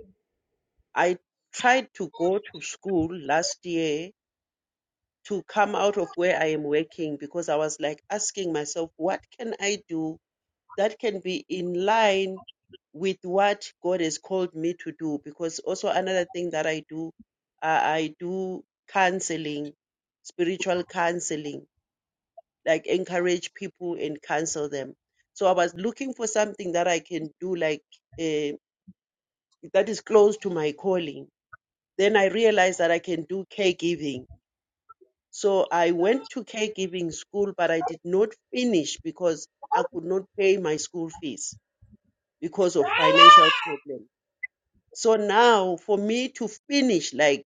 Speaker 9: I tried to go to school last year to come out of where I am working because I was like asking myself, what can I do that can be in line with what God has called me to do. Because also another thing that I do, uh, I do counseling, spiritual counseling, like encourage people and counsel them. So I was looking for something that I can do, like uh, that is close to my calling. Then I realized that I can do caregiving. So I went to caregiving school, but I did not finish because I could not pay my school fees. because of financial problem. So now for me to finish, like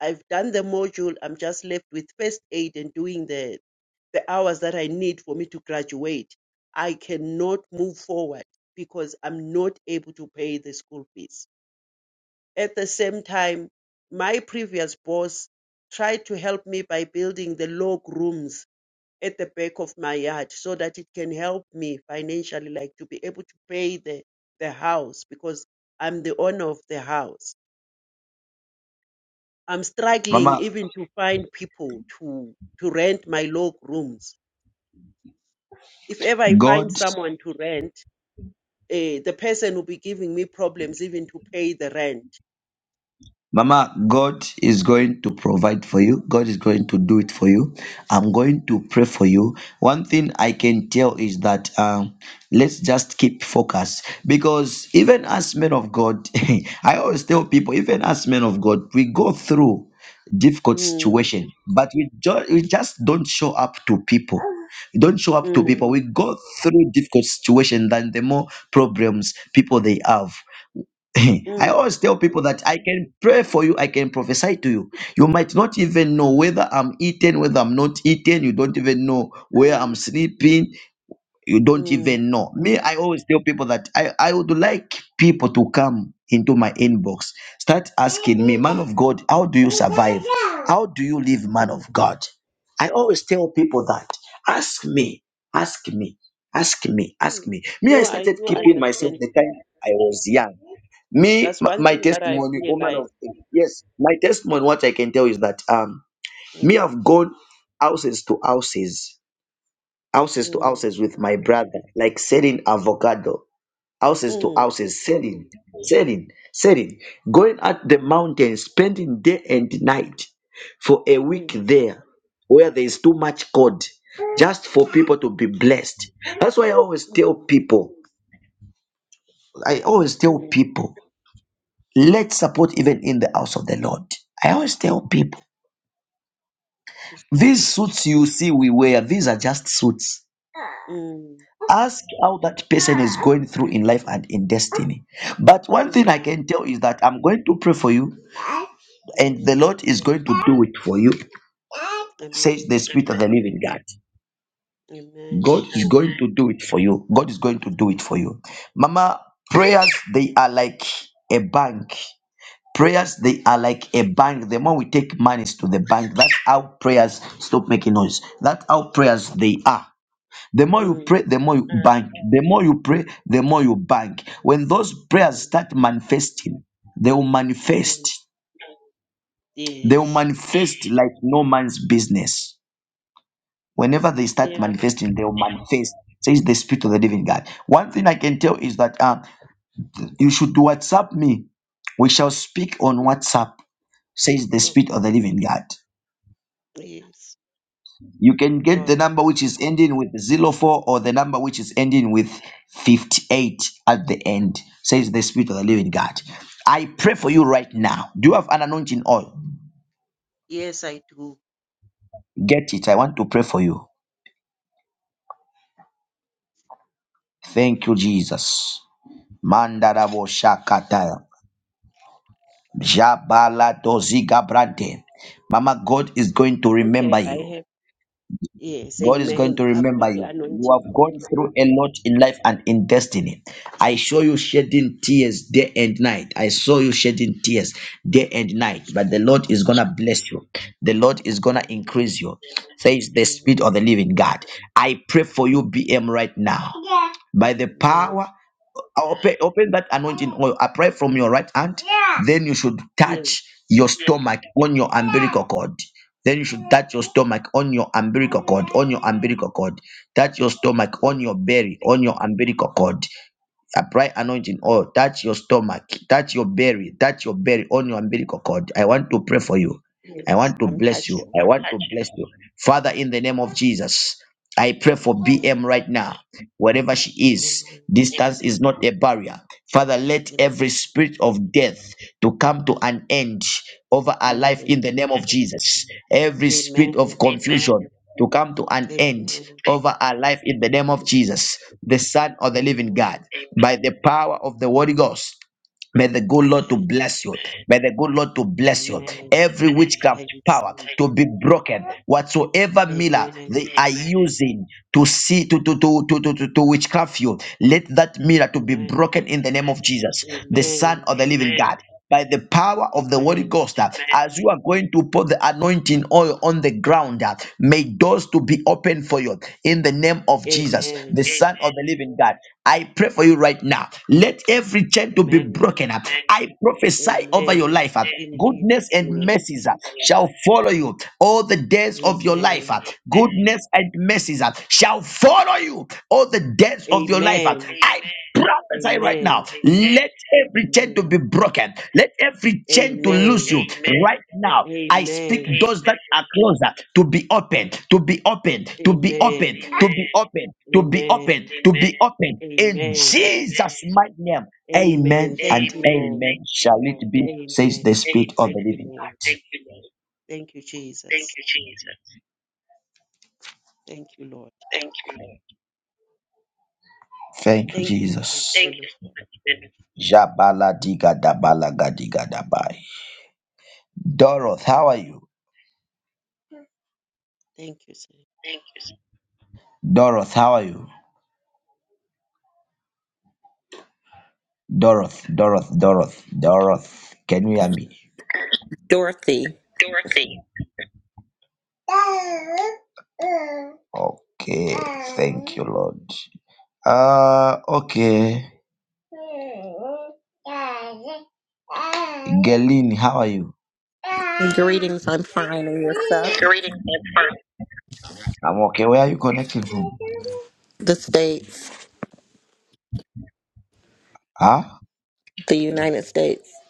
Speaker 9: I've done the module, I'm just left with first aid and doing the, the hours that I need for me to graduate. I cannot move forward because I'm not able to pay the school fees. At the same time, my previous boss tried to help me by building the log rooms at the back of my yard so that it can help me financially, like to be able to pay the, the house because I'm the owner of the house. I'm struggling
Speaker 2: Mama,
Speaker 9: even to find people to, to rent my log rooms. If ever I find
Speaker 2: God.
Speaker 9: someone to rent, eh, the person will be giving me problems even to pay the rent.
Speaker 2: Mama, God is going to provide for you. God is going to do it for you. I'm going to pray for you. One thing I can tell is that um, let's just keep focus because even as men of God, (laughs) I always tell people, even as men of God, we go through difficult
Speaker 9: Mm,
Speaker 2: situation, but we, jo- we just don't show up to people. We don't show up to people. We
Speaker 9: mm,
Speaker 2: go through difficult situation than the more problems people they have. (laughs) I
Speaker 9: mm,
Speaker 2: always tell people that I can pray for you, I can prophesy to you. You might not even know whether I'm eating, whether I'm not eating, you don't even know where I'm sleeping, you don't
Speaker 9: mm,
Speaker 2: even know. Me, I always tell people that I, I would like people to come into my inbox, start asking me, man of God, how do you survive? How do you live, man of
Speaker 9: mm,
Speaker 2: God? I always tell people that ask me, ask me, ask me, ask
Speaker 9: mm.
Speaker 2: me. Me, I
Speaker 9: No, I
Speaker 2: started
Speaker 9: do
Speaker 2: keeping myself
Speaker 9: understand.
Speaker 2: the
Speaker 9: that.
Speaker 2: time I was young me
Speaker 9: That's
Speaker 2: m-
Speaker 9: one
Speaker 2: my
Speaker 9: thing that I've
Speaker 2: testimony woman of
Speaker 9: realized.
Speaker 2: yes my testimony what i can tell is that um
Speaker 9: Mm,
Speaker 2: me i've gone houses to houses houses to
Speaker 9: mm,
Speaker 2: houses with my brother like selling avocado houses to
Speaker 9: mm,
Speaker 2: houses selling selling selling going at the mountain spending day and night for a week
Speaker 9: mm.
Speaker 2: there where there is too much code just for people
Speaker 9: Mm,
Speaker 2: to be blessed that's why i always tell
Speaker 9: mm,
Speaker 2: people i always tell
Speaker 9: mm.
Speaker 2: people Let support even in the house of the Lord. I always tell people
Speaker 9: It's
Speaker 2: these
Speaker 9: true.
Speaker 2: suits you see we wear, these are just suits.
Speaker 9: Mm,
Speaker 2: Ask how that person is going through in life and in destiny. But one thing I
Speaker 9: mm,
Speaker 2: can tell is that I'm going to pray for you, and the
Speaker 9: mm.
Speaker 2: Lord is going to do it for you, says
Speaker 9: Amen.
Speaker 2: the Spirit of the Living God.
Speaker 9: Amen.
Speaker 2: God is going to do it for you. God is going to do it for you. Mama, prayers, they are like a bank. Prayers, they are like a bank. The more we take monies to the bank, that's how prayers stop making noise. That's how prayers
Speaker 9: Mm,
Speaker 2: they are. The more you pray,
Speaker 9: mm,
Speaker 2: the more you Mm. bank. The more you pray, the more you bank. When those prayers
Speaker 9: mm.
Speaker 2: start manifesting, they will
Speaker 9: mm.
Speaker 2: manifest. They will
Speaker 9: Yes.
Speaker 2: manifest like no man's business. Whenever they start
Speaker 9: Yeah.
Speaker 2: manifesting, they will manifest. Says the Spirit of the Living God. One thing I can tell is that um, you should WhatsApp me. We shall speak on
Speaker 9: Mm,
Speaker 2: WhatsApp, says the
Speaker 9: Oh,
Speaker 2: Spirit of the Living God.
Speaker 9: yes.
Speaker 2: You can get
Speaker 9: All
Speaker 2: the
Speaker 9: right.
Speaker 2: number which is ending with zero four, or the number which is ending with 58 at the end, says the Spirit of the Living God. I pray for you right now. Do you have an anointing oil?
Speaker 9: Yes, I do.
Speaker 2: Get it. I want to pray for you. Thank you, Jesus. Mandarabo Shakata. Jabala Doziga Brante. Mama, God is going to remember
Speaker 9: Okay, I
Speaker 2: you.
Speaker 9: have. Yes.
Speaker 2: God is going
Speaker 9: Amen.
Speaker 2: to
Speaker 9: I've
Speaker 2: remember
Speaker 9: got the
Speaker 2: you. You
Speaker 9: anointing
Speaker 2: have
Speaker 9: oil.
Speaker 2: gone through a lot in life and in destiny. I saw you shedding tears day and night. I saw you shedding tears day and night.
Speaker 9: It's
Speaker 2: But the
Speaker 9: true.
Speaker 2: Lord is going to bless you. The Lord is going to
Speaker 9: Amen.
Speaker 2: increase you. Says the
Speaker 9: Amen.
Speaker 2: Spirit of the Living God. I pray for you, BM, right now. By the
Speaker 9: Amen.
Speaker 2: power, open, open that anointing oil. I pray from your right hand then you should
Speaker 9: Yes.
Speaker 2: touch your stomach on your umbilical cord. Then you should touch your stomach on your umbilical cord, on your umbilical cord. Touch your stomach on
Speaker 9: Yes.
Speaker 2: your belly, on your umbilical cord. Apply anointing oil. Touch your stomach, touch your belly, touch your belly on your umbilical cord. I want to pray for you. I
Speaker 9: yes.
Speaker 2: want to
Speaker 9: I'm
Speaker 2: bless you.
Speaker 9: touching.
Speaker 2: I want to bless you. Father, in the name of Jesus, I pray for
Speaker 9: Amen.
Speaker 2: BM right now wherever she is.
Speaker 9: Amen.
Speaker 2: Distance is not a barrier. Father, let every
Speaker 9: Amen.
Speaker 2: spirit of death to come to an end over our life in the name of Jesus. Every spirit of
Speaker 9: Amen.
Speaker 2: confusion to come to an
Speaker 9: Amen.
Speaker 2: end
Speaker 9: Amen.
Speaker 2: over our life in the
Speaker 9: Thank
Speaker 2: name
Speaker 9: you,
Speaker 2: of
Speaker 9: Lord.
Speaker 2: Jesus, the Son of the living
Speaker 9: Amen.
Speaker 2: God, by the power of the Holy Ghost. May the good Lord to
Speaker 9: Amen.
Speaker 2: bless you. May the good Lord to bless you.
Speaker 9: Amen.
Speaker 2: Every witchcraft
Speaker 9: I
Speaker 2: power
Speaker 9: receive.
Speaker 2: to be broken. Whatsoever miller
Speaker 9: Amen.
Speaker 2: they are using to see to to to to to, to, to witchcraft you, let that mirror to be
Speaker 9: Amen.
Speaker 2: broken in the name of Jesus the Son
Speaker 9: Amen.
Speaker 2: of the Living Amen. God. By the power of the Holy
Speaker 9: Amen.
Speaker 2: Ghost, uh, Amen. as you are going to put the anointing oil on the ground, uh, may doors to be open for you in the name of Jesus, the
Speaker 9: Amen.
Speaker 2: Son of Amen. the Living God. I pray for you right now. Let every chain to be
Speaker 9: Amen.
Speaker 2: broken up. Amen. I prophesy over your
Speaker 9: Amen.
Speaker 2: life. uh, Amen.
Speaker 9: In
Speaker 2: Goodness
Speaker 9: Jesus'
Speaker 2: and
Speaker 9: name.
Speaker 2: mercies uh, shall follow you all the days of your life.
Speaker 9: Amen.
Speaker 2: uh, Goodness and mercies uh, shall follow you all the days of your life. uh.
Speaker 9: Amen.
Speaker 2: I Amen prophesy right now.
Speaker 9: Amen.
Speaker 2: Let every chain to
Speaker 9: Amen.
Speaker 2: be broken. Let every chain to loose you
Speaker 9: Amen.
Speaker 2: right now. I speak
Speaker 9: Amen.
Speaker 2: those that are closer to be opened. to be opened. to be opened.
Speaker 9: Amen.
Speaker 2: to be opened. to be opened.
Speaker 9: Amen.
Speaker 2: to be opened. In
Speaker 9: Amen.
Speaker 2: Jesus' mighty name. Amen
Speaker 9: Amen. Thank
Speaker 2: and
Speaker 9: you, Lord.
Speaker 2: amen. Shall it be, says
Speaker 9: Amen.
Speaker 2: the Spirit of the
Speaker 9: Thank you,
Speaker 2: Living
Speaker 9: Lord.
Speaker 2: God.
Speaker 9: Thank you, Jesus. Thank you, Lord.
Speaker 2: Thank you,
Speaker 9: Thank you so much,
Speaker 2: Jesus.
Speaker 9: men of God.
Speaker 2: Jabala diga dabala gadiga dabai. Doroth, how are you?
Speaker 9: Thank you, sir.
Speaker 2: Doroth, how are you? Doroth, Doroth, Doroth, Doroth. Can you hear me?
Speaker 10: Dorothy,
Speaker 2: Dorothy. Okay, thank you, Lord. Uh, okay. Gelin, how are you?
Speaker 10: greetings. I'm fine and yourself,
Speaker 2: Greetings and first. I'm okay. Where are you connecting from?
Speaker 10: the States,
Speaker 2: Huh?
Speaker 10: the United States,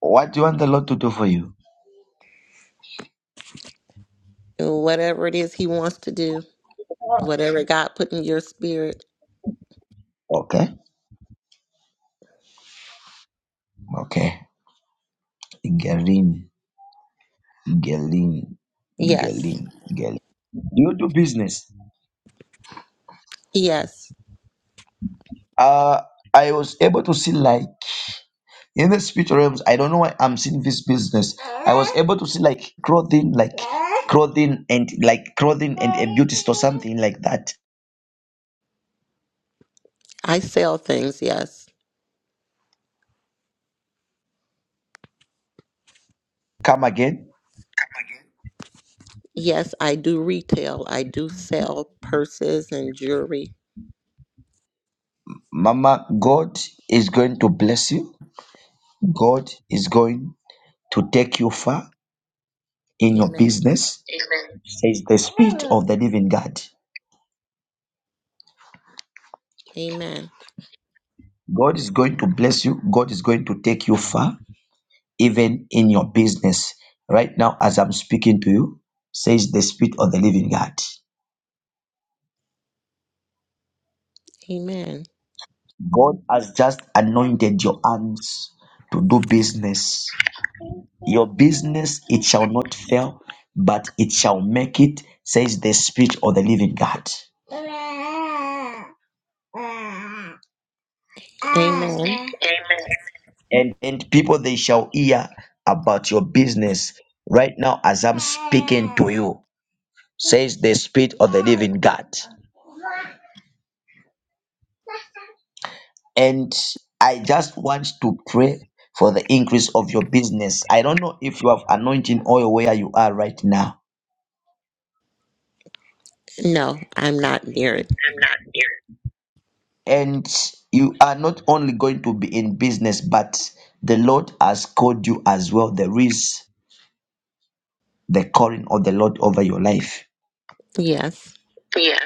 Speaker 2: What do you want the Lord to do for you?
Speaker 10: whatever it is He wants to do, whatever God put in your spirit.
Speaker 2: Okay, okay. Gelin, Gelin,
Speaker 10: Yes,
Speaker 2: Gelin, Gelin. Do you do business?
Speaker 10: yes.
Speaker 2: Uh, I was able to see like. in the spirit realms i don't know why i'm seeing this business i was able to see like clothing like clothing and like clothing and a beauty store something like that
Speaker 10: I sell things, yes.
Speaker 2: come again
Speaker 10: Yes, I do retail. I do sell purses and jewelry.
Speaker 2: mama god is going to bless you god is going to take you far in your
Speaker 10: Amen.
Speaker 2: business says the spirit of the living god
Speaker 10: Amen.
Speaker 2: god is going to bless you god is going to take you far even in your business right now as i'm speaking to you says the spirit of the living god
Speaker 10: Amen.
Speaker 2: God has just anointed your hands to do business. Your business, it shall not fail, but it shall make it, says the Spirit of the living God.
Speaker 10: Amen.
Speaker 2: And, and people, they shall hear about your business right now as I'm speaking to you, says the Spirit of the living God. And I just want to pray for the increase of your business. I don't know if you have anointing oil where you are right now.
Speaker 10: No, I'm not near it.
Speaker 2: and you are not only going to be in business but the lord has called you as well there is the calling of the lord over your life
Speaker 10: Yes.
Speaker 2: Yes.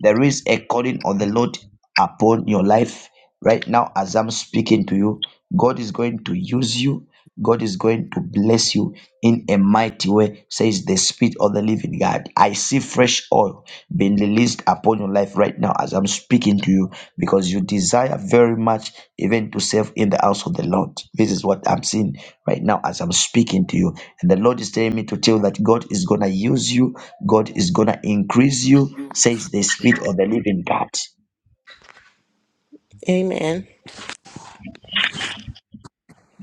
Speaker 2: there is a calling of the lord upon your life right now as i'm speaking to you god is going to use you God is going to bless you in a mighty way, says the Spirit of the Living God. I see fresh oil being released upon your life right now as I'm speaking to you because you desire very much even to serve in the house of the Lord. This is what I'm seeing right now as I'm speaking to you. And the Lord is telling me to tell you that God is going to use you, God is going to increase you, says the Spirit of the Living God.
Speaker 10: Amen.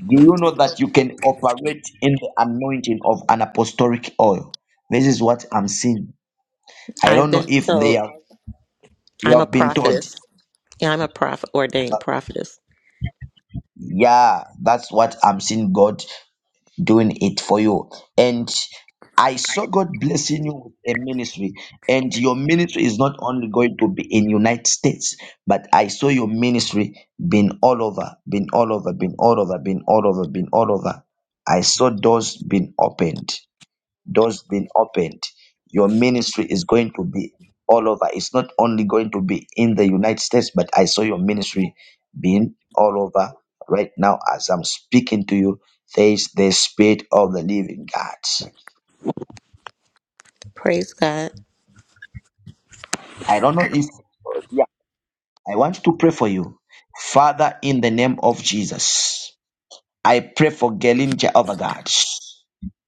Speaker 2: Do you know that you can operate in the anointing of an apostolic oil? This is what I'm seeing. I
Speaker 10: I've
Speaker 2: don't know
Speaker 10: been
Speaker 2: if they
Speaker 10: told
Speaker 2: are you
Speaker 10: I'm a
Speaker 2: have been taught.
Speaker 10: prophetess. I'm a prophet, ordained prophetess.
Speaker 2: Yeah, that's what I'm seeing God doing it for you. And I saw God blessing you with a ministry. And your ministry is not only going to be in United States, but I saw your ministry being all over, being all over, being all over, being all over, being all over. I saw doors being opened. doors being opened. Your ministry is going to be all over. It's not only going to be in the United States, but I saw your ministry being all over right now as I'm speaking to you. Says the Spirit of the Living God.
Speaker 10: Praise God.
Speaker 2: I don't know if Yeah. I want to pray for you. Father, in the name of Jesus, I pray for Gelin Jehovah God.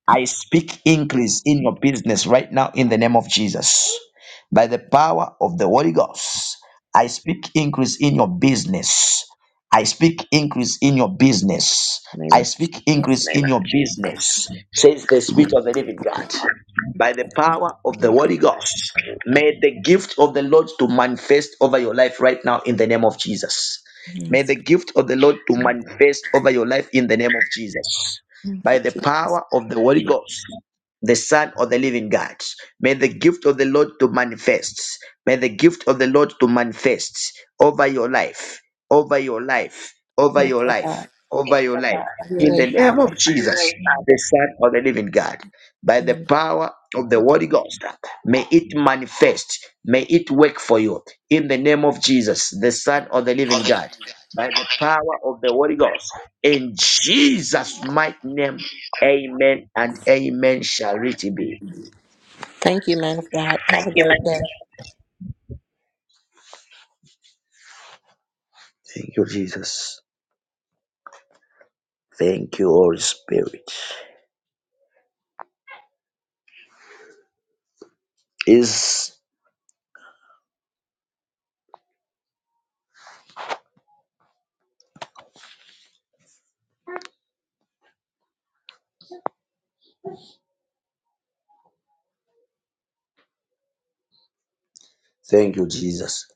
Speaker 2: I speak increase in your business right now in the name of Jesus. By the power of the Holy Ghost, I speak increase in your business. I speak increase in your business.
Speaker 10: In the Name
Speaker 2: I
Speaker 10: of
Speaker 2: speak increase
Speaker 10: Jesus.
Speaker 2: in your business, says the Spirit of the Living God. By the power of the Holy Ghost, may the gift of the Lord to manifest over your life right now in the name of Jesus. May
Speaker 10: Yes.
Speaker 2: the gift of the Lord to manifest over your life in the name of Jesus
Speaker 10: Thank
Speaker 2: by
Speaker 10: you,
Speaker 2: the
Speaker 10: Jesus.
Speaker 2: power of the Holy Ghost, the Son of the Living God. May the gift of the Lord to manifest. May the gift of the Lord to manifest over your life, over your life, over
Speaker 10: Thank
Speaker 2: your
Speaker 10: you,
Speaker 2: life,
Speaker 10: God.
Speaker 2: over your life.
Speaker 10: Have your
Speaker 2: In the
Speaker 10: way,
Speaker 2: name of
Speaker 10: Father.
Speaker 2: Jesus, the Son of the Living God, by the
Speaker 10: Mm.
Speaker 2: power of the Holy Ghost, may it manifest. May it work for you. In the name of Jesus, the Son of the Living God, by the power of the Holy Ghost. In Jesus' mighty name, amen and amen shall it be.
Speaker 10: Thank you, man of God. Have
Speaker 2: Thank
Speaker 10: a
Speaker 2: you,
Speaker 10: great
Speaker 2: Master.
Speaker 10: day.
Speaker 2: Thank you, Jesus. Thank you, Holy Spirit. Is thank you, Jesus.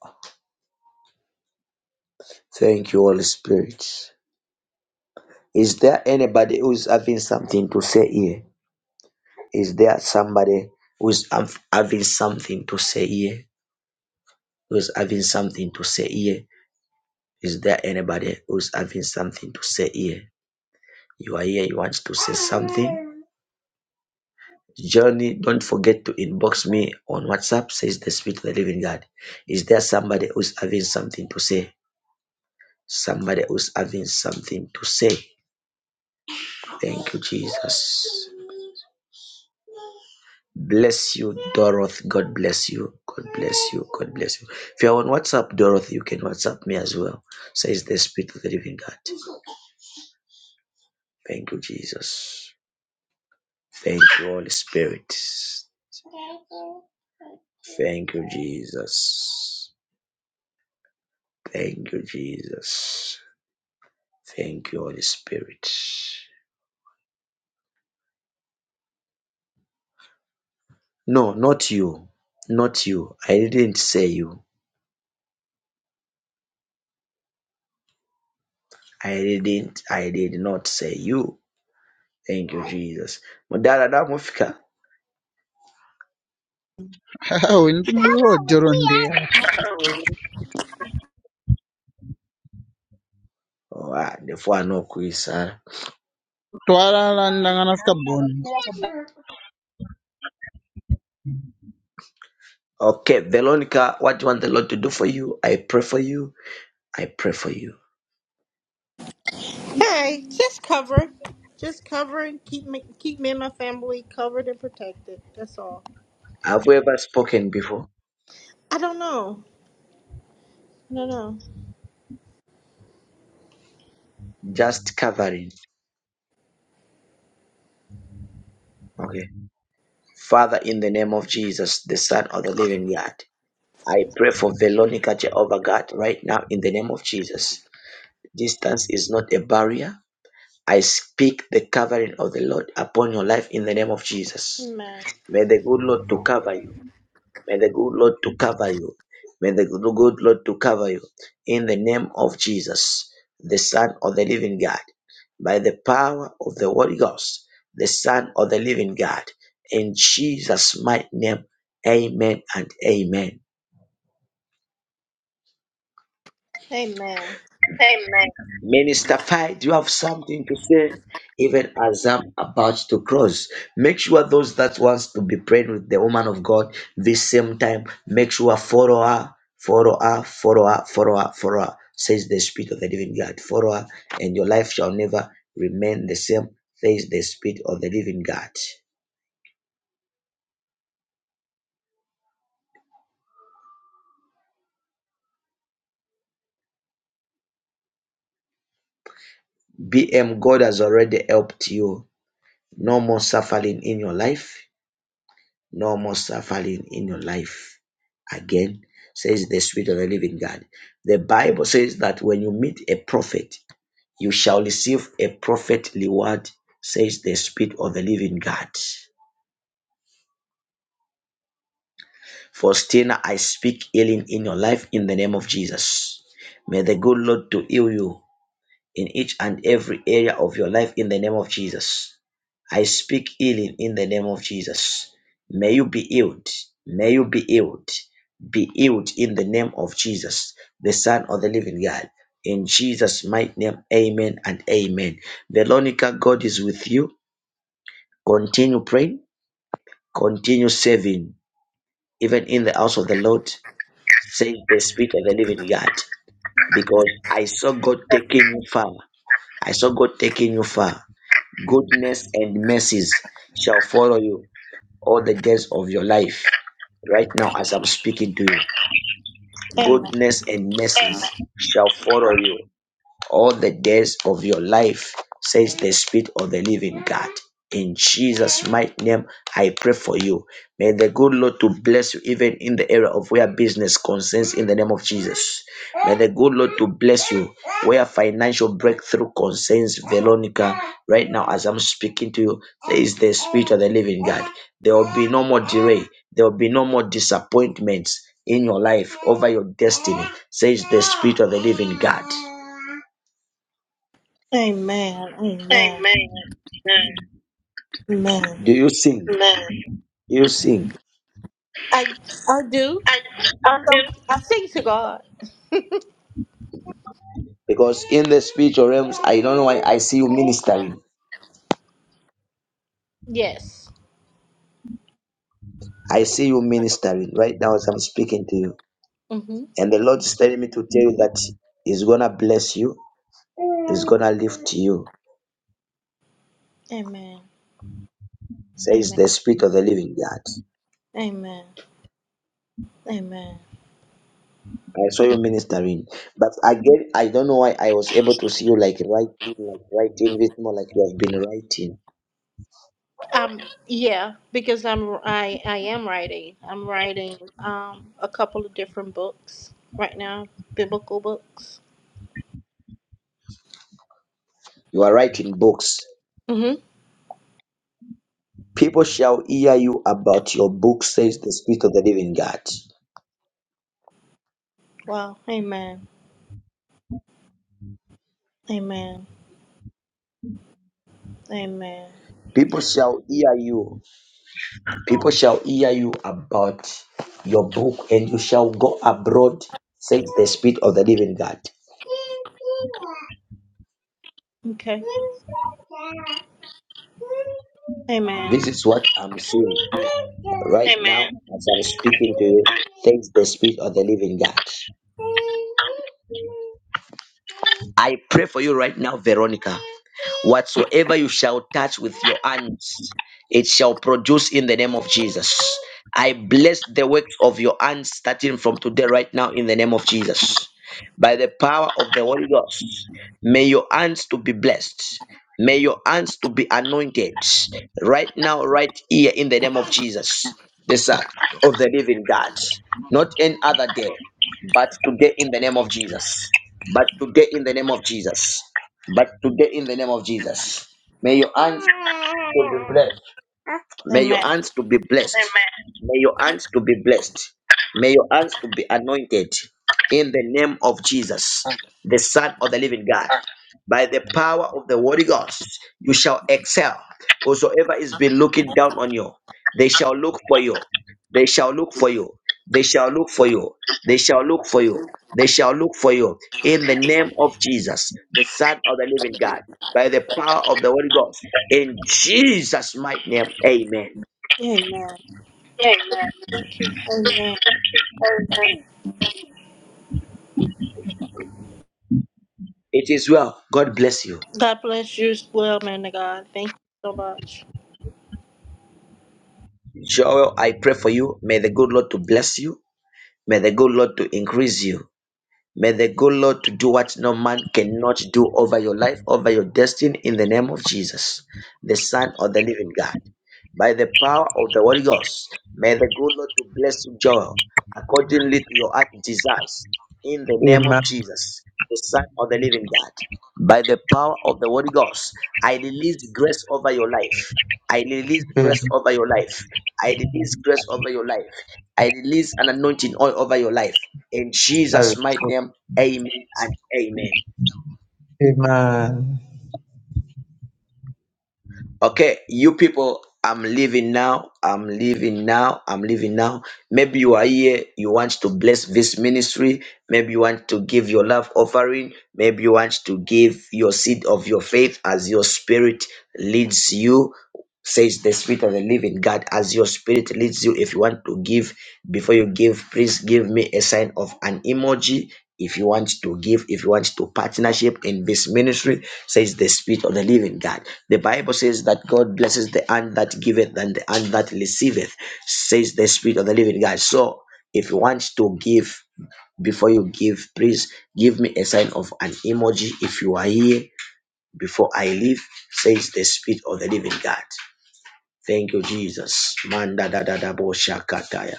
Speaker 2: Thank you, Holy Spirit. Is there anybody who's having something to say here? Is there somebody who's hav- having something to say here? Who's having something to say here? Is there anybody who's having something to say here? You are here, you want to say something? Johnny, don't forget to inbox me on WhatsApp, says the Spirit of the Living God. Is there somebody who's having something to say? Somebody who's having something to say. Thank you, Jesus. Bless you, Dorothy. God bless you. God bless you. God bless you. If you're on WhatsApp, Dorothy, you can WhatsApp me as well, says the Spirit of the Living God. Thank you, Jesus. Thank you, Holy Spirit. Thank you, Jesus. Thank you, Jesus. Thank you, Holy Spirit. No, not you. Not you. I didn't say you. I didn't. I did not say you. Thank you, Jesus. Mudara da mufika.
Speaker 11: Winti muluwo jorondi
Speaker 2: Oh, ah, the four no quiz. ah.
Speaker 11: kutwala landangana ska bond.
Speaker 2: Okay, Veronica, what do you want the Lord to do for you? I pray for you. I pray for you.
Speaker 12: Hey, just cover. Just cover and keep me keep me and my family covered and protected. That's all.
Speaker 2: Have we ever spoken before?
Speaker 12: I don't know. No no.
Speaker 2: Just covering. Okay. Father, in the name of Jesus, the Son of the Living God, I pray for Veronica, Jehovah God, right now, in the name of Jesus. Distance is not a barrier. I speak the covering of the Lord upon your life in the name of Jesus.
Speaker 12: Amen.
Speaker 2: May the good Lord to cover you. May the good Lord to cover you. May the good good Lord to cover you in the name of Jesus, the Son of the Living God, by the power of the Holy Ghost, the Son of the Living God, in Jesus' mighty name. Amen and amen.
Speaker 12: Amen.
Speaker 2: Minister Fi, do you have something to say? Even as I'm about to cross, make sure those that wants to be praying with the woman of God this same time, make sure follow her, follow her, follow her, follow her, follow her, says the Spirit of the Living God. Follow her, and your life shall never remain the same, says the Spirit of the Living God. BM, God has already helped you. No more suffering in your life No more suffering in your life again, says the Spirit of the living God. The Bible says that when you meet a prophet, you shall receive a prophet reward, says the Spirit of the living God. For still I speak healing in your life in the name of Jesus. May the good Lord to heal you in each and every area of your life in the name of Jesus. I speak healing in the name of Jesus. May you be healed. May you be healed. Be healed in the name of Jesus, the Son of the Living God. In Jesus' mighty name, amen and amen. Veronica, God is with you. Continue praying, continue serving, even in the house of the Lord, saying the Spirit of the Living God, because I saw God taking you far. I saw God taking you far. goodness and mercies shall follow you all the days of your life. Right now, as I'm speaking to you,
Speaker 12: Amen.
Speaker 2: goodness and mercies shall follow you all the days of your life, says the Spirit of the living God. In Jesus' mighty name, I pray for you. May the good Lord to bless you even in the area of where business concerns in the name of Jesus. May the good Lord to bless you where financial breakthrough concerns Veronica right now as I'm speaking to you. There is the Spirit of the Living God. There will be no more delay. There will be no more disappointments in your life over your destiny, says the Spirit of the Living God.
Speaker 12: Amen. Amen.
Speaker 2: Amen.
Speaker 12: Amen.
Speaker 2: Do you sing? Amen. You sing.
Speaker 12: I I do.
Speaker 2: I, I do.
Speaker 12: Some I sing to God.
Speaker 2: Because in the spiritual realms, I don't know why I see you ministering.
Speaker 12: Yes.
Speaker 2: I see you ministering right now as I'm speaking to you.
Speaker 12: Mhm.
Speaker 2: And the Lord is telling me to tell you that He's gonna bless you, He's gonna lift you.
Speaker 12: Amen.
Speaker 2: Says
Speaker 12: Amen.
Speaker 2: the Spirit of the Living God.
Speaker 12: Amen. Amen.
Speaker 2: I saw you ministering. But again, I don't know why I was able to see you like writing, like writing, it's more like you have been writing.
Speaker 12: Um yeah, because I'm I I am writing. I'm writing um a couple of different books right now, biblical books.
Speaker 2: You are writing books.
Speaker 12: Mm-hmm.
Speaker 2: People shall hear you about your book, says the Spirit of the Living God.
Speaker 12: Wow. Amen. Amen. Amen.
Speaker 2: People shall hear you. People shall hear you about your book, and you shall go abroad, says the Spirit of the Living God.
Speaker 12: Okay. Amen.
Speaker 2: This is what I'm seeing right now Amen. as I'm speaking to you. Thanks the Spirit of the Living God. I pray for you right now, Veronica. Whatsoever you shall touch with your hands, it shall produce in the name of Jesus. I bless the works of your hands starting from today, right now, in the name of Jesus. By the power of the Holy Ghost, may your hands to be blessed. May your hands to be anointed right now, right here, in the name of Jesus, the Son of the Living God. Not any other day, but today in the name of Jesus. But today in the name of Jesus. But today, in the name of Jesus, may your hands to be blessed. May your
Speaker 12: Amen.
Speaker 2: hands to be blessed. May your hands to be blessed. May your hands to be anointed in the name of Jesus, the Son of the Living God by the power of the Holy Ghost, you shall excel. Whosoever is been looking down on you, they shall look for you. They shall look for you. They shall look for you. They shall look for you. They shall look for you. In the name of Jesus, the Son of the Living God, by the power of the Holy Ghost, in Jesus' mighty name, Amen.
Speaker 12: Amen.
Speaker 2: Amen.
Speaker 12: Amen.
Speaker 2: Amen. It is well. God bless you.
Speaker 12: God bless you as well, man of God. Thank you so much.
Speaker 2: Joel, I pray for you. May the good Lord to bless you. May the good Lord to increase you. May the good Lord to do what no man cannot do over your life, over your destiny, in the name of Jesus, the Son of the Living God. By the power of the Holy Ghost, may the good Lord to bless you, Joel, accordingly to your heart desires, in the name of
Speaker 13: Amen.
Speaker 2: Jesus, the Son of the Living God. By the power of the Holy Ghost, I release grace over your life. I release grace
Speaker 13: Amen.
Speaker 2: over your life. I release grace over your life. I release an anointing all over your life. In
Speaker 13: I
Speaker 2: Jesus' mighty
Speaker 13: receive.
Speaker 2: name, amen and amen.
Speaker 13: Amen.
Speaker 2: Okay, you people, I'm leaving now. I'm leaving now. I'm leaving now. Maybe you are here, you want to bless this ministry. Maybe you want to give your love offering. Maybe you want to give your seed of your faith as your spirit leads you says the spirit of the living God as your spirit leads you if you want to give before you give please give me a sign of an emoji if you want to give if you want to partnership in this ministry says the spirit of the living god the bible says that god blesses the hand that giveth and the hand that receiveth says the spirit of the living god so if you want to give before you give please give me a sign of an emoji if you are here before i leave says the spirit of the living god Thank you, Jesus. Manda da da da bo shakataya.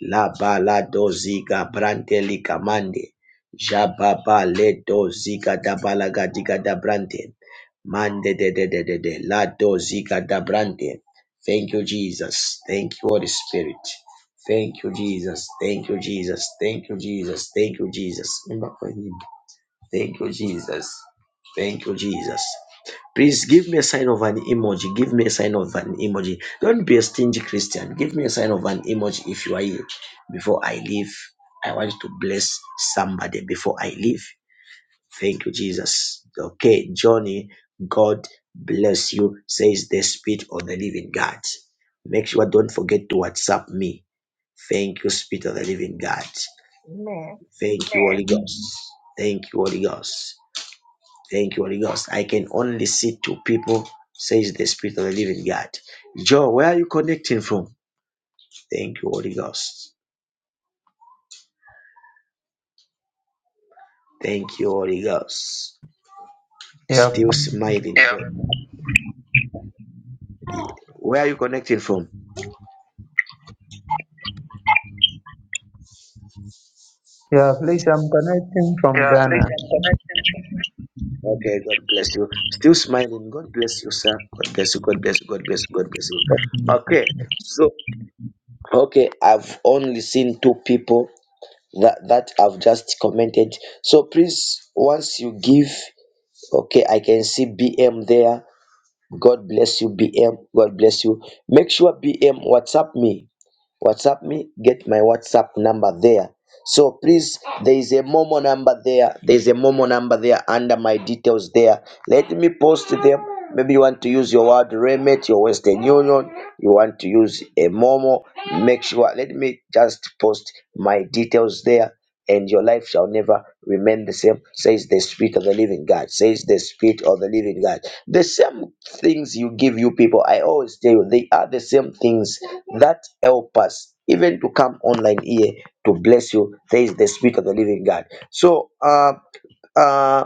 Speaker 2: La ba la do ziga brante lika mande. Jababa le do ziga da balaga diga da brante. Mande de de de de de. La do ziga da brante. Thank you, Jesus. Thank you, Holy Spirit. Thank you, Jesus. Thank you, Jesus. Thank you, Jesus. Thank you, Jesus. Thank you, Jesus. Thank you, Jesus. Please give me a sign of an emoji. Give me a sign of an emoji. Don't be a stingy Christian. Give me a sign of an emoji if you are here. Before I leave, I want to bless somebody before I leave. Thank you, Jesus. Okay, Johnny, God bless you, says the Spirit of the Living God. Make sure don't forget to WhatsApp me. Thank you, Spirit of the Living God.
Speaker 8: Amen.
Speaker 2: Thank you, Holy Ghost. Thank you, Holy Ghost. Thank you, Holy Ghost. I can only see two people, says the Spirit of the Living God. Joe, where are you connecting from? Thank you, Holy Ghost. Thank you, Holy Ghost.
Speaker 13: Yeah.
Speaker 2: Still smiling. Yeah. Where are you connecting from?
Speaker 13: Yeah, please, I'm connecting from Ghana.
Speaker 2: Okay, God bless you. Still smiling. God bless you, sir. God bless you. God bless you. God bless you. God bless you. Okay, so okay, I've only seen two people that that I've just commented. So please, once you give, okay, I can see BM there. God bless you, BM. God bless you. Make sure BM WhatsApp me. WhatsApp me. Get my WhatsApp number there. So please, there is a Momo number there. There is a Momo number there under my details there. Let me post them. Maybe you want to use your word remit, your Western Union. You want to use a Momo. Make sure. Let me just post my details there and your life shall never remain the same, says the Spirit of the Living God. Says the Spirit of the Living God. The same things you give you people, I always tell you, they are the same things that help us even to come online here to bless you, says the Spirit of the Living God. So, uh, uh,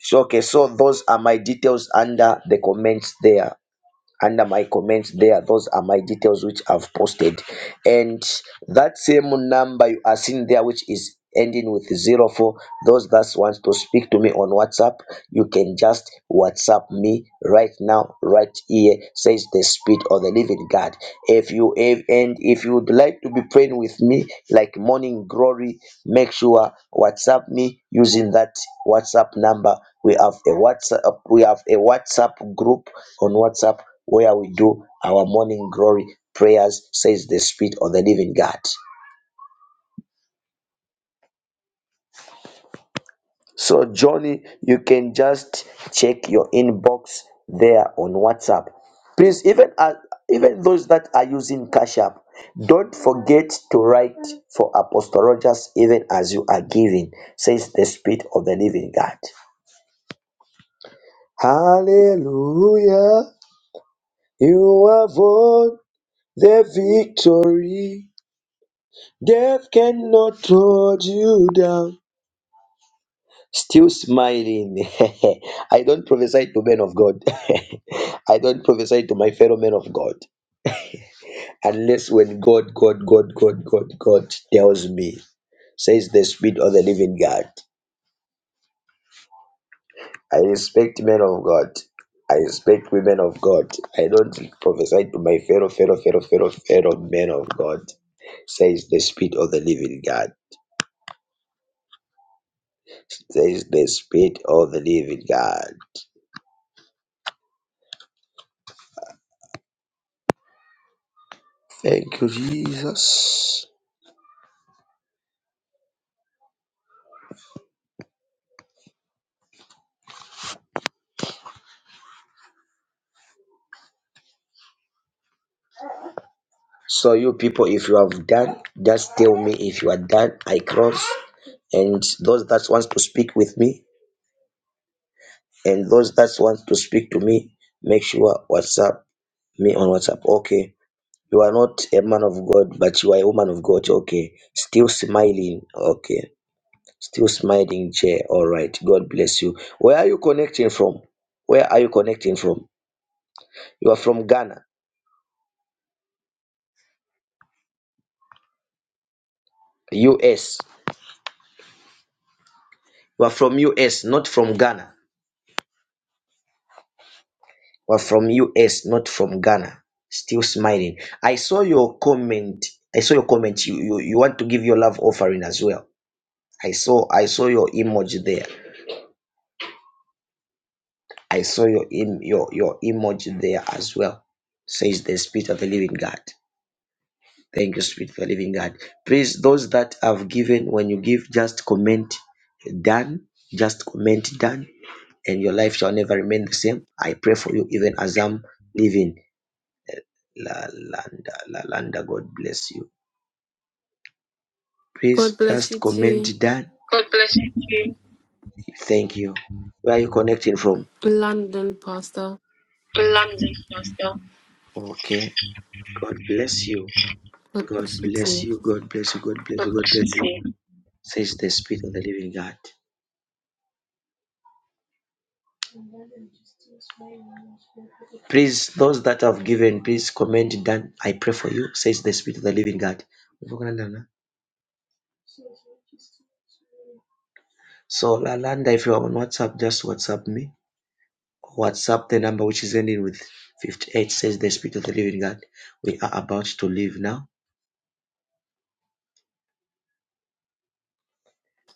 Speaker 2: so okay, so those are my details under the comments there under my comments there those are my details which i've posted and that same number you are seeing there which is ending with zero four those that wants to speak to me on whatsapp you can just whatsapp me right now right here says the spirit of the living god if you if, and if you would like to be praying with me like morning glory make sure whatsapp me using that whatsapp number we have a whatsapp we have a whatsapp group on whatsapp where we do our morning glory prayers, says the Spirit of the living God. So, Johnny, you can just check your inbox there on WhatsApp. Please, even uh, even those that are using Cash App, don't forget to write for Apostle Rogers even as you are giving, says the Spirit of the living God. Hallelujah, you have won the victory. Death cannot hold you down. Still smiling. (laughs) I don't prophesy to men of God. (laughs) I don't prophesy to my fellow men of God. Unless when God, God, God, God, God, God tells me, says the Spirit of the living God. I respect men of God. I respect women of God. I don't prophesy to my fellow, fellow, fellow, fellow, fellow men of God. Says the Spirit of the living God. Says the Spirit of the living God. Thank you, Jesus. So you people. done, Just tell me if you are done. I cross, and those that wants to speak with me, and those that want to speak to me, make sure WhatsApp me on WhatsApp. Okay, you are not a man of God, but you are a woman of God. Okay, still smiling. Okay, still smiling. Chair. All right. God bless you. Where are you connecting from? Where are you connecting from? You are from Ghana, US. You are from US, not from Ghana. were from US, not from Ghana. Still smiling. I saw your comment. I saw your comment. You, you you want to give your love offering as well. I saw I saw your emoji there. I saw your em, your your emoji there as well. Says the Spirit of the Living God. Thank you, Spirit of the Living God. Please, those that have given, when you give, just comment done. Just comment done, and your life shall never remain the same. I pray for you, even as I'm living Lalanda, Lalanda, God bless you. Please
Speaker 14: God bless you
Speaker 2: just comment
Speaker 14: too,
Speaker 2: that. Thank you. Where are you connecting from?
Speaker 14: London Pastor.
Speaker 2: London, Glasgow. Okay. God bless you.
Speaker 14: God
Speaker 2: God
Speaker 14: bless you
Speaker 2: bless
Speaker 14: too.
Speaker 2: you. God bless you. God bless you. God bless you Says the Spirit of the Living God. Please, those that have given, please comment that. I pray for you. Says the Spirit of the Living God. So, Lalanda, if you're on WhatsApp, just WhatsApp me. WhatsApp, the number which is ending with 58, says, The Spirit of the Living God, we are about to leave now.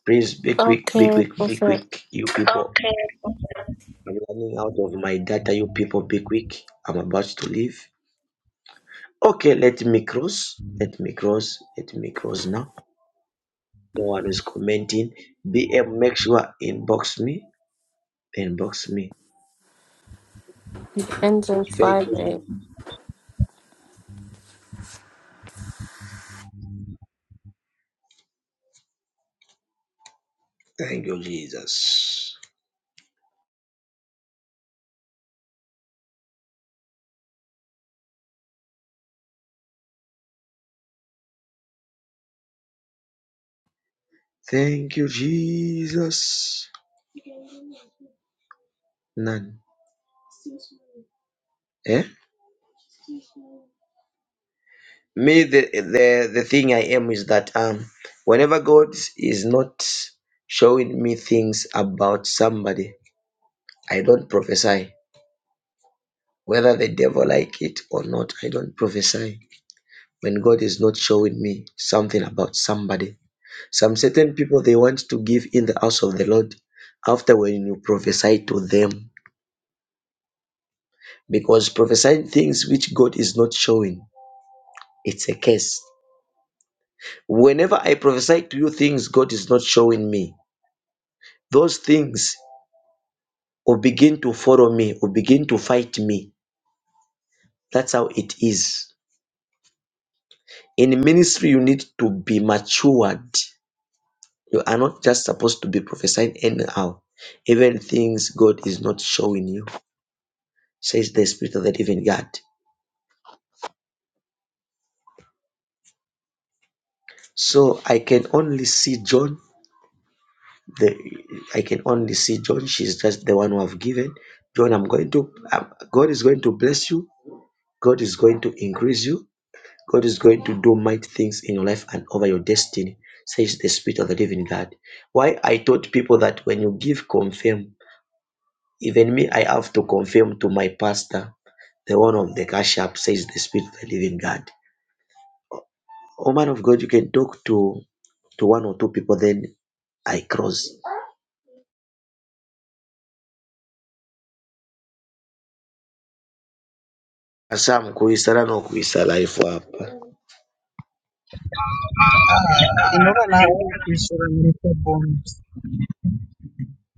Speaker 2: Please be quick, be
Speaker 14: Okay,
Speaker 2: quick, be
Speaker 14: Prophet.
Speaker 2: quick, you people. Okay. I'm running out of my data, you people. Be quick, I'm about to leave. Okay, let me cross, let me cross, let me cross now. No one is commenting. BM, make sure inbox me, inbox me.
Speaker 14: It ends in
Speaker 2: Thank
Speaker 14: 5
Speaker 2: you,
Speaker 14: a.m.
Speaker 2: Jesus. Thank you, Jesus. Thank you, Jesus. None. Eh? me the, the the thing i am is that um whenever god is not showing me things about somebody i don't prophesy whether the devil like it or not i don't prophesy when god is not showing me something about somebody some certain people they want to give in the house of the lord after when you prophesy to them because prophesying things which god is not showing it's a curse whenever i prophesy to you things god is not showing me those things will begin to follow me, will begin to fight me. That's how it is. In ministry, you need to be matured. You are not just supposed to be prophesying anyhow. Even things God is not showing you, says the Spirit of the Living God. So I can only see John. The I can only see John. She's just the one who I've given. John, I'm going to. um, God is going to bless you. God is going to increase you. God is going to do mighty things in your life and over your destiny, says the Spirit of the Living God. Why I told people that when you give, confirm. Even me, I have to confirm to my pastor, the one of the cash app, says the Spirit of the Living God. Oh man of God, you can talk to to one or two people, then I cross. Hasa kuisara no kuisala ifu hapa.
Speaker 11: Ah, inora na ako nawo kuisura mulika bond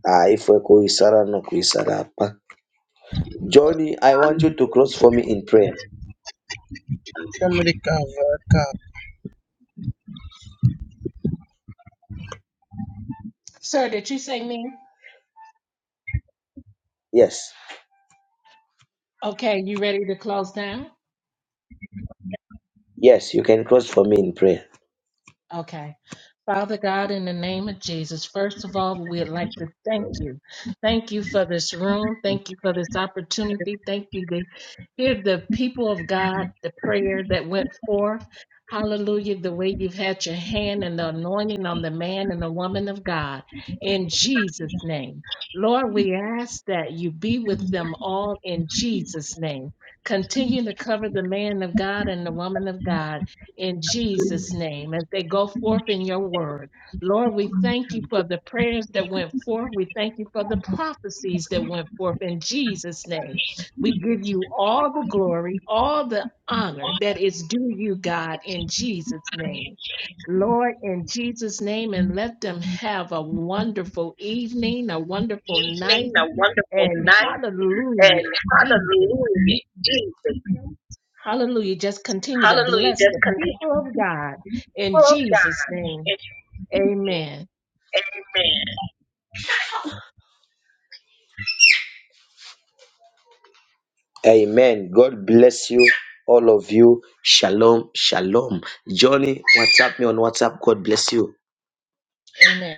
Speaker 2: Ah, ifu kuisara no kuisala hapa. Johnny, I
Speaker 11: and
Speaker 2: want you to cross for me in prayer.
Speaker 11: family ka?
Speaker 8: Sir, did you say me?
Speaker 2: Yes,
Speaker 8: Okay, you ready to close down?
Speaker 2: yes, you can cross for me in prayer.
Speaker 8: Okay. Father God, in the name of Jesus, first of all, we'd like to thank you. Thank you for this room. Thank you for this opportunity. Thank you to hear the people of God, the prayer that went forth. Hallelujah, the way you've had your hand and the anointing on the man and the woman of God. In Jesus' name. Lord, we ask that you be with them all in Jesus' name. Continue to cover the man of God and the woman of God in Jesus' name as they go forth in your word. Lord, we thank you for the prayers that went forth. We thank you for the prophecies that went forth in Jesus' name. We give you all the glory, all the honor that is due you, God, in Jesus' name. Lord, in Jesus' name, and let them have a wonderful evening, a wonderful
Speaker 2: evening,
Speaker 8: night,
Speaker 2: a wonderful
Speaker 8: and
Speaker 2: night, and
Speaker 8: hallelujah, Jesus.
Speaker 2: hallelujah, Jesus.
Speaker 8: Hallelujah. Just continue to
Speaker 2: Hallelujah.
Speaker 8: bless
Speaker 2: Just
Speaker 8: the
Speaker 2: continue
Speaker 8: people
Speaker 2: to
Speaker 8: of God in
Speaker 2: pull
Speaker 8: Jesus'
Speaker 2: God
Speaker 8: name.
Speaker 2: and
Speaker 8: Amen.
Speaker 2: Amen. Amen. God bless you, all of you. Shalom, shalom. Johnny, WhatsApp Me on WhatsApp. God bless you.
Speaker 8: Amen.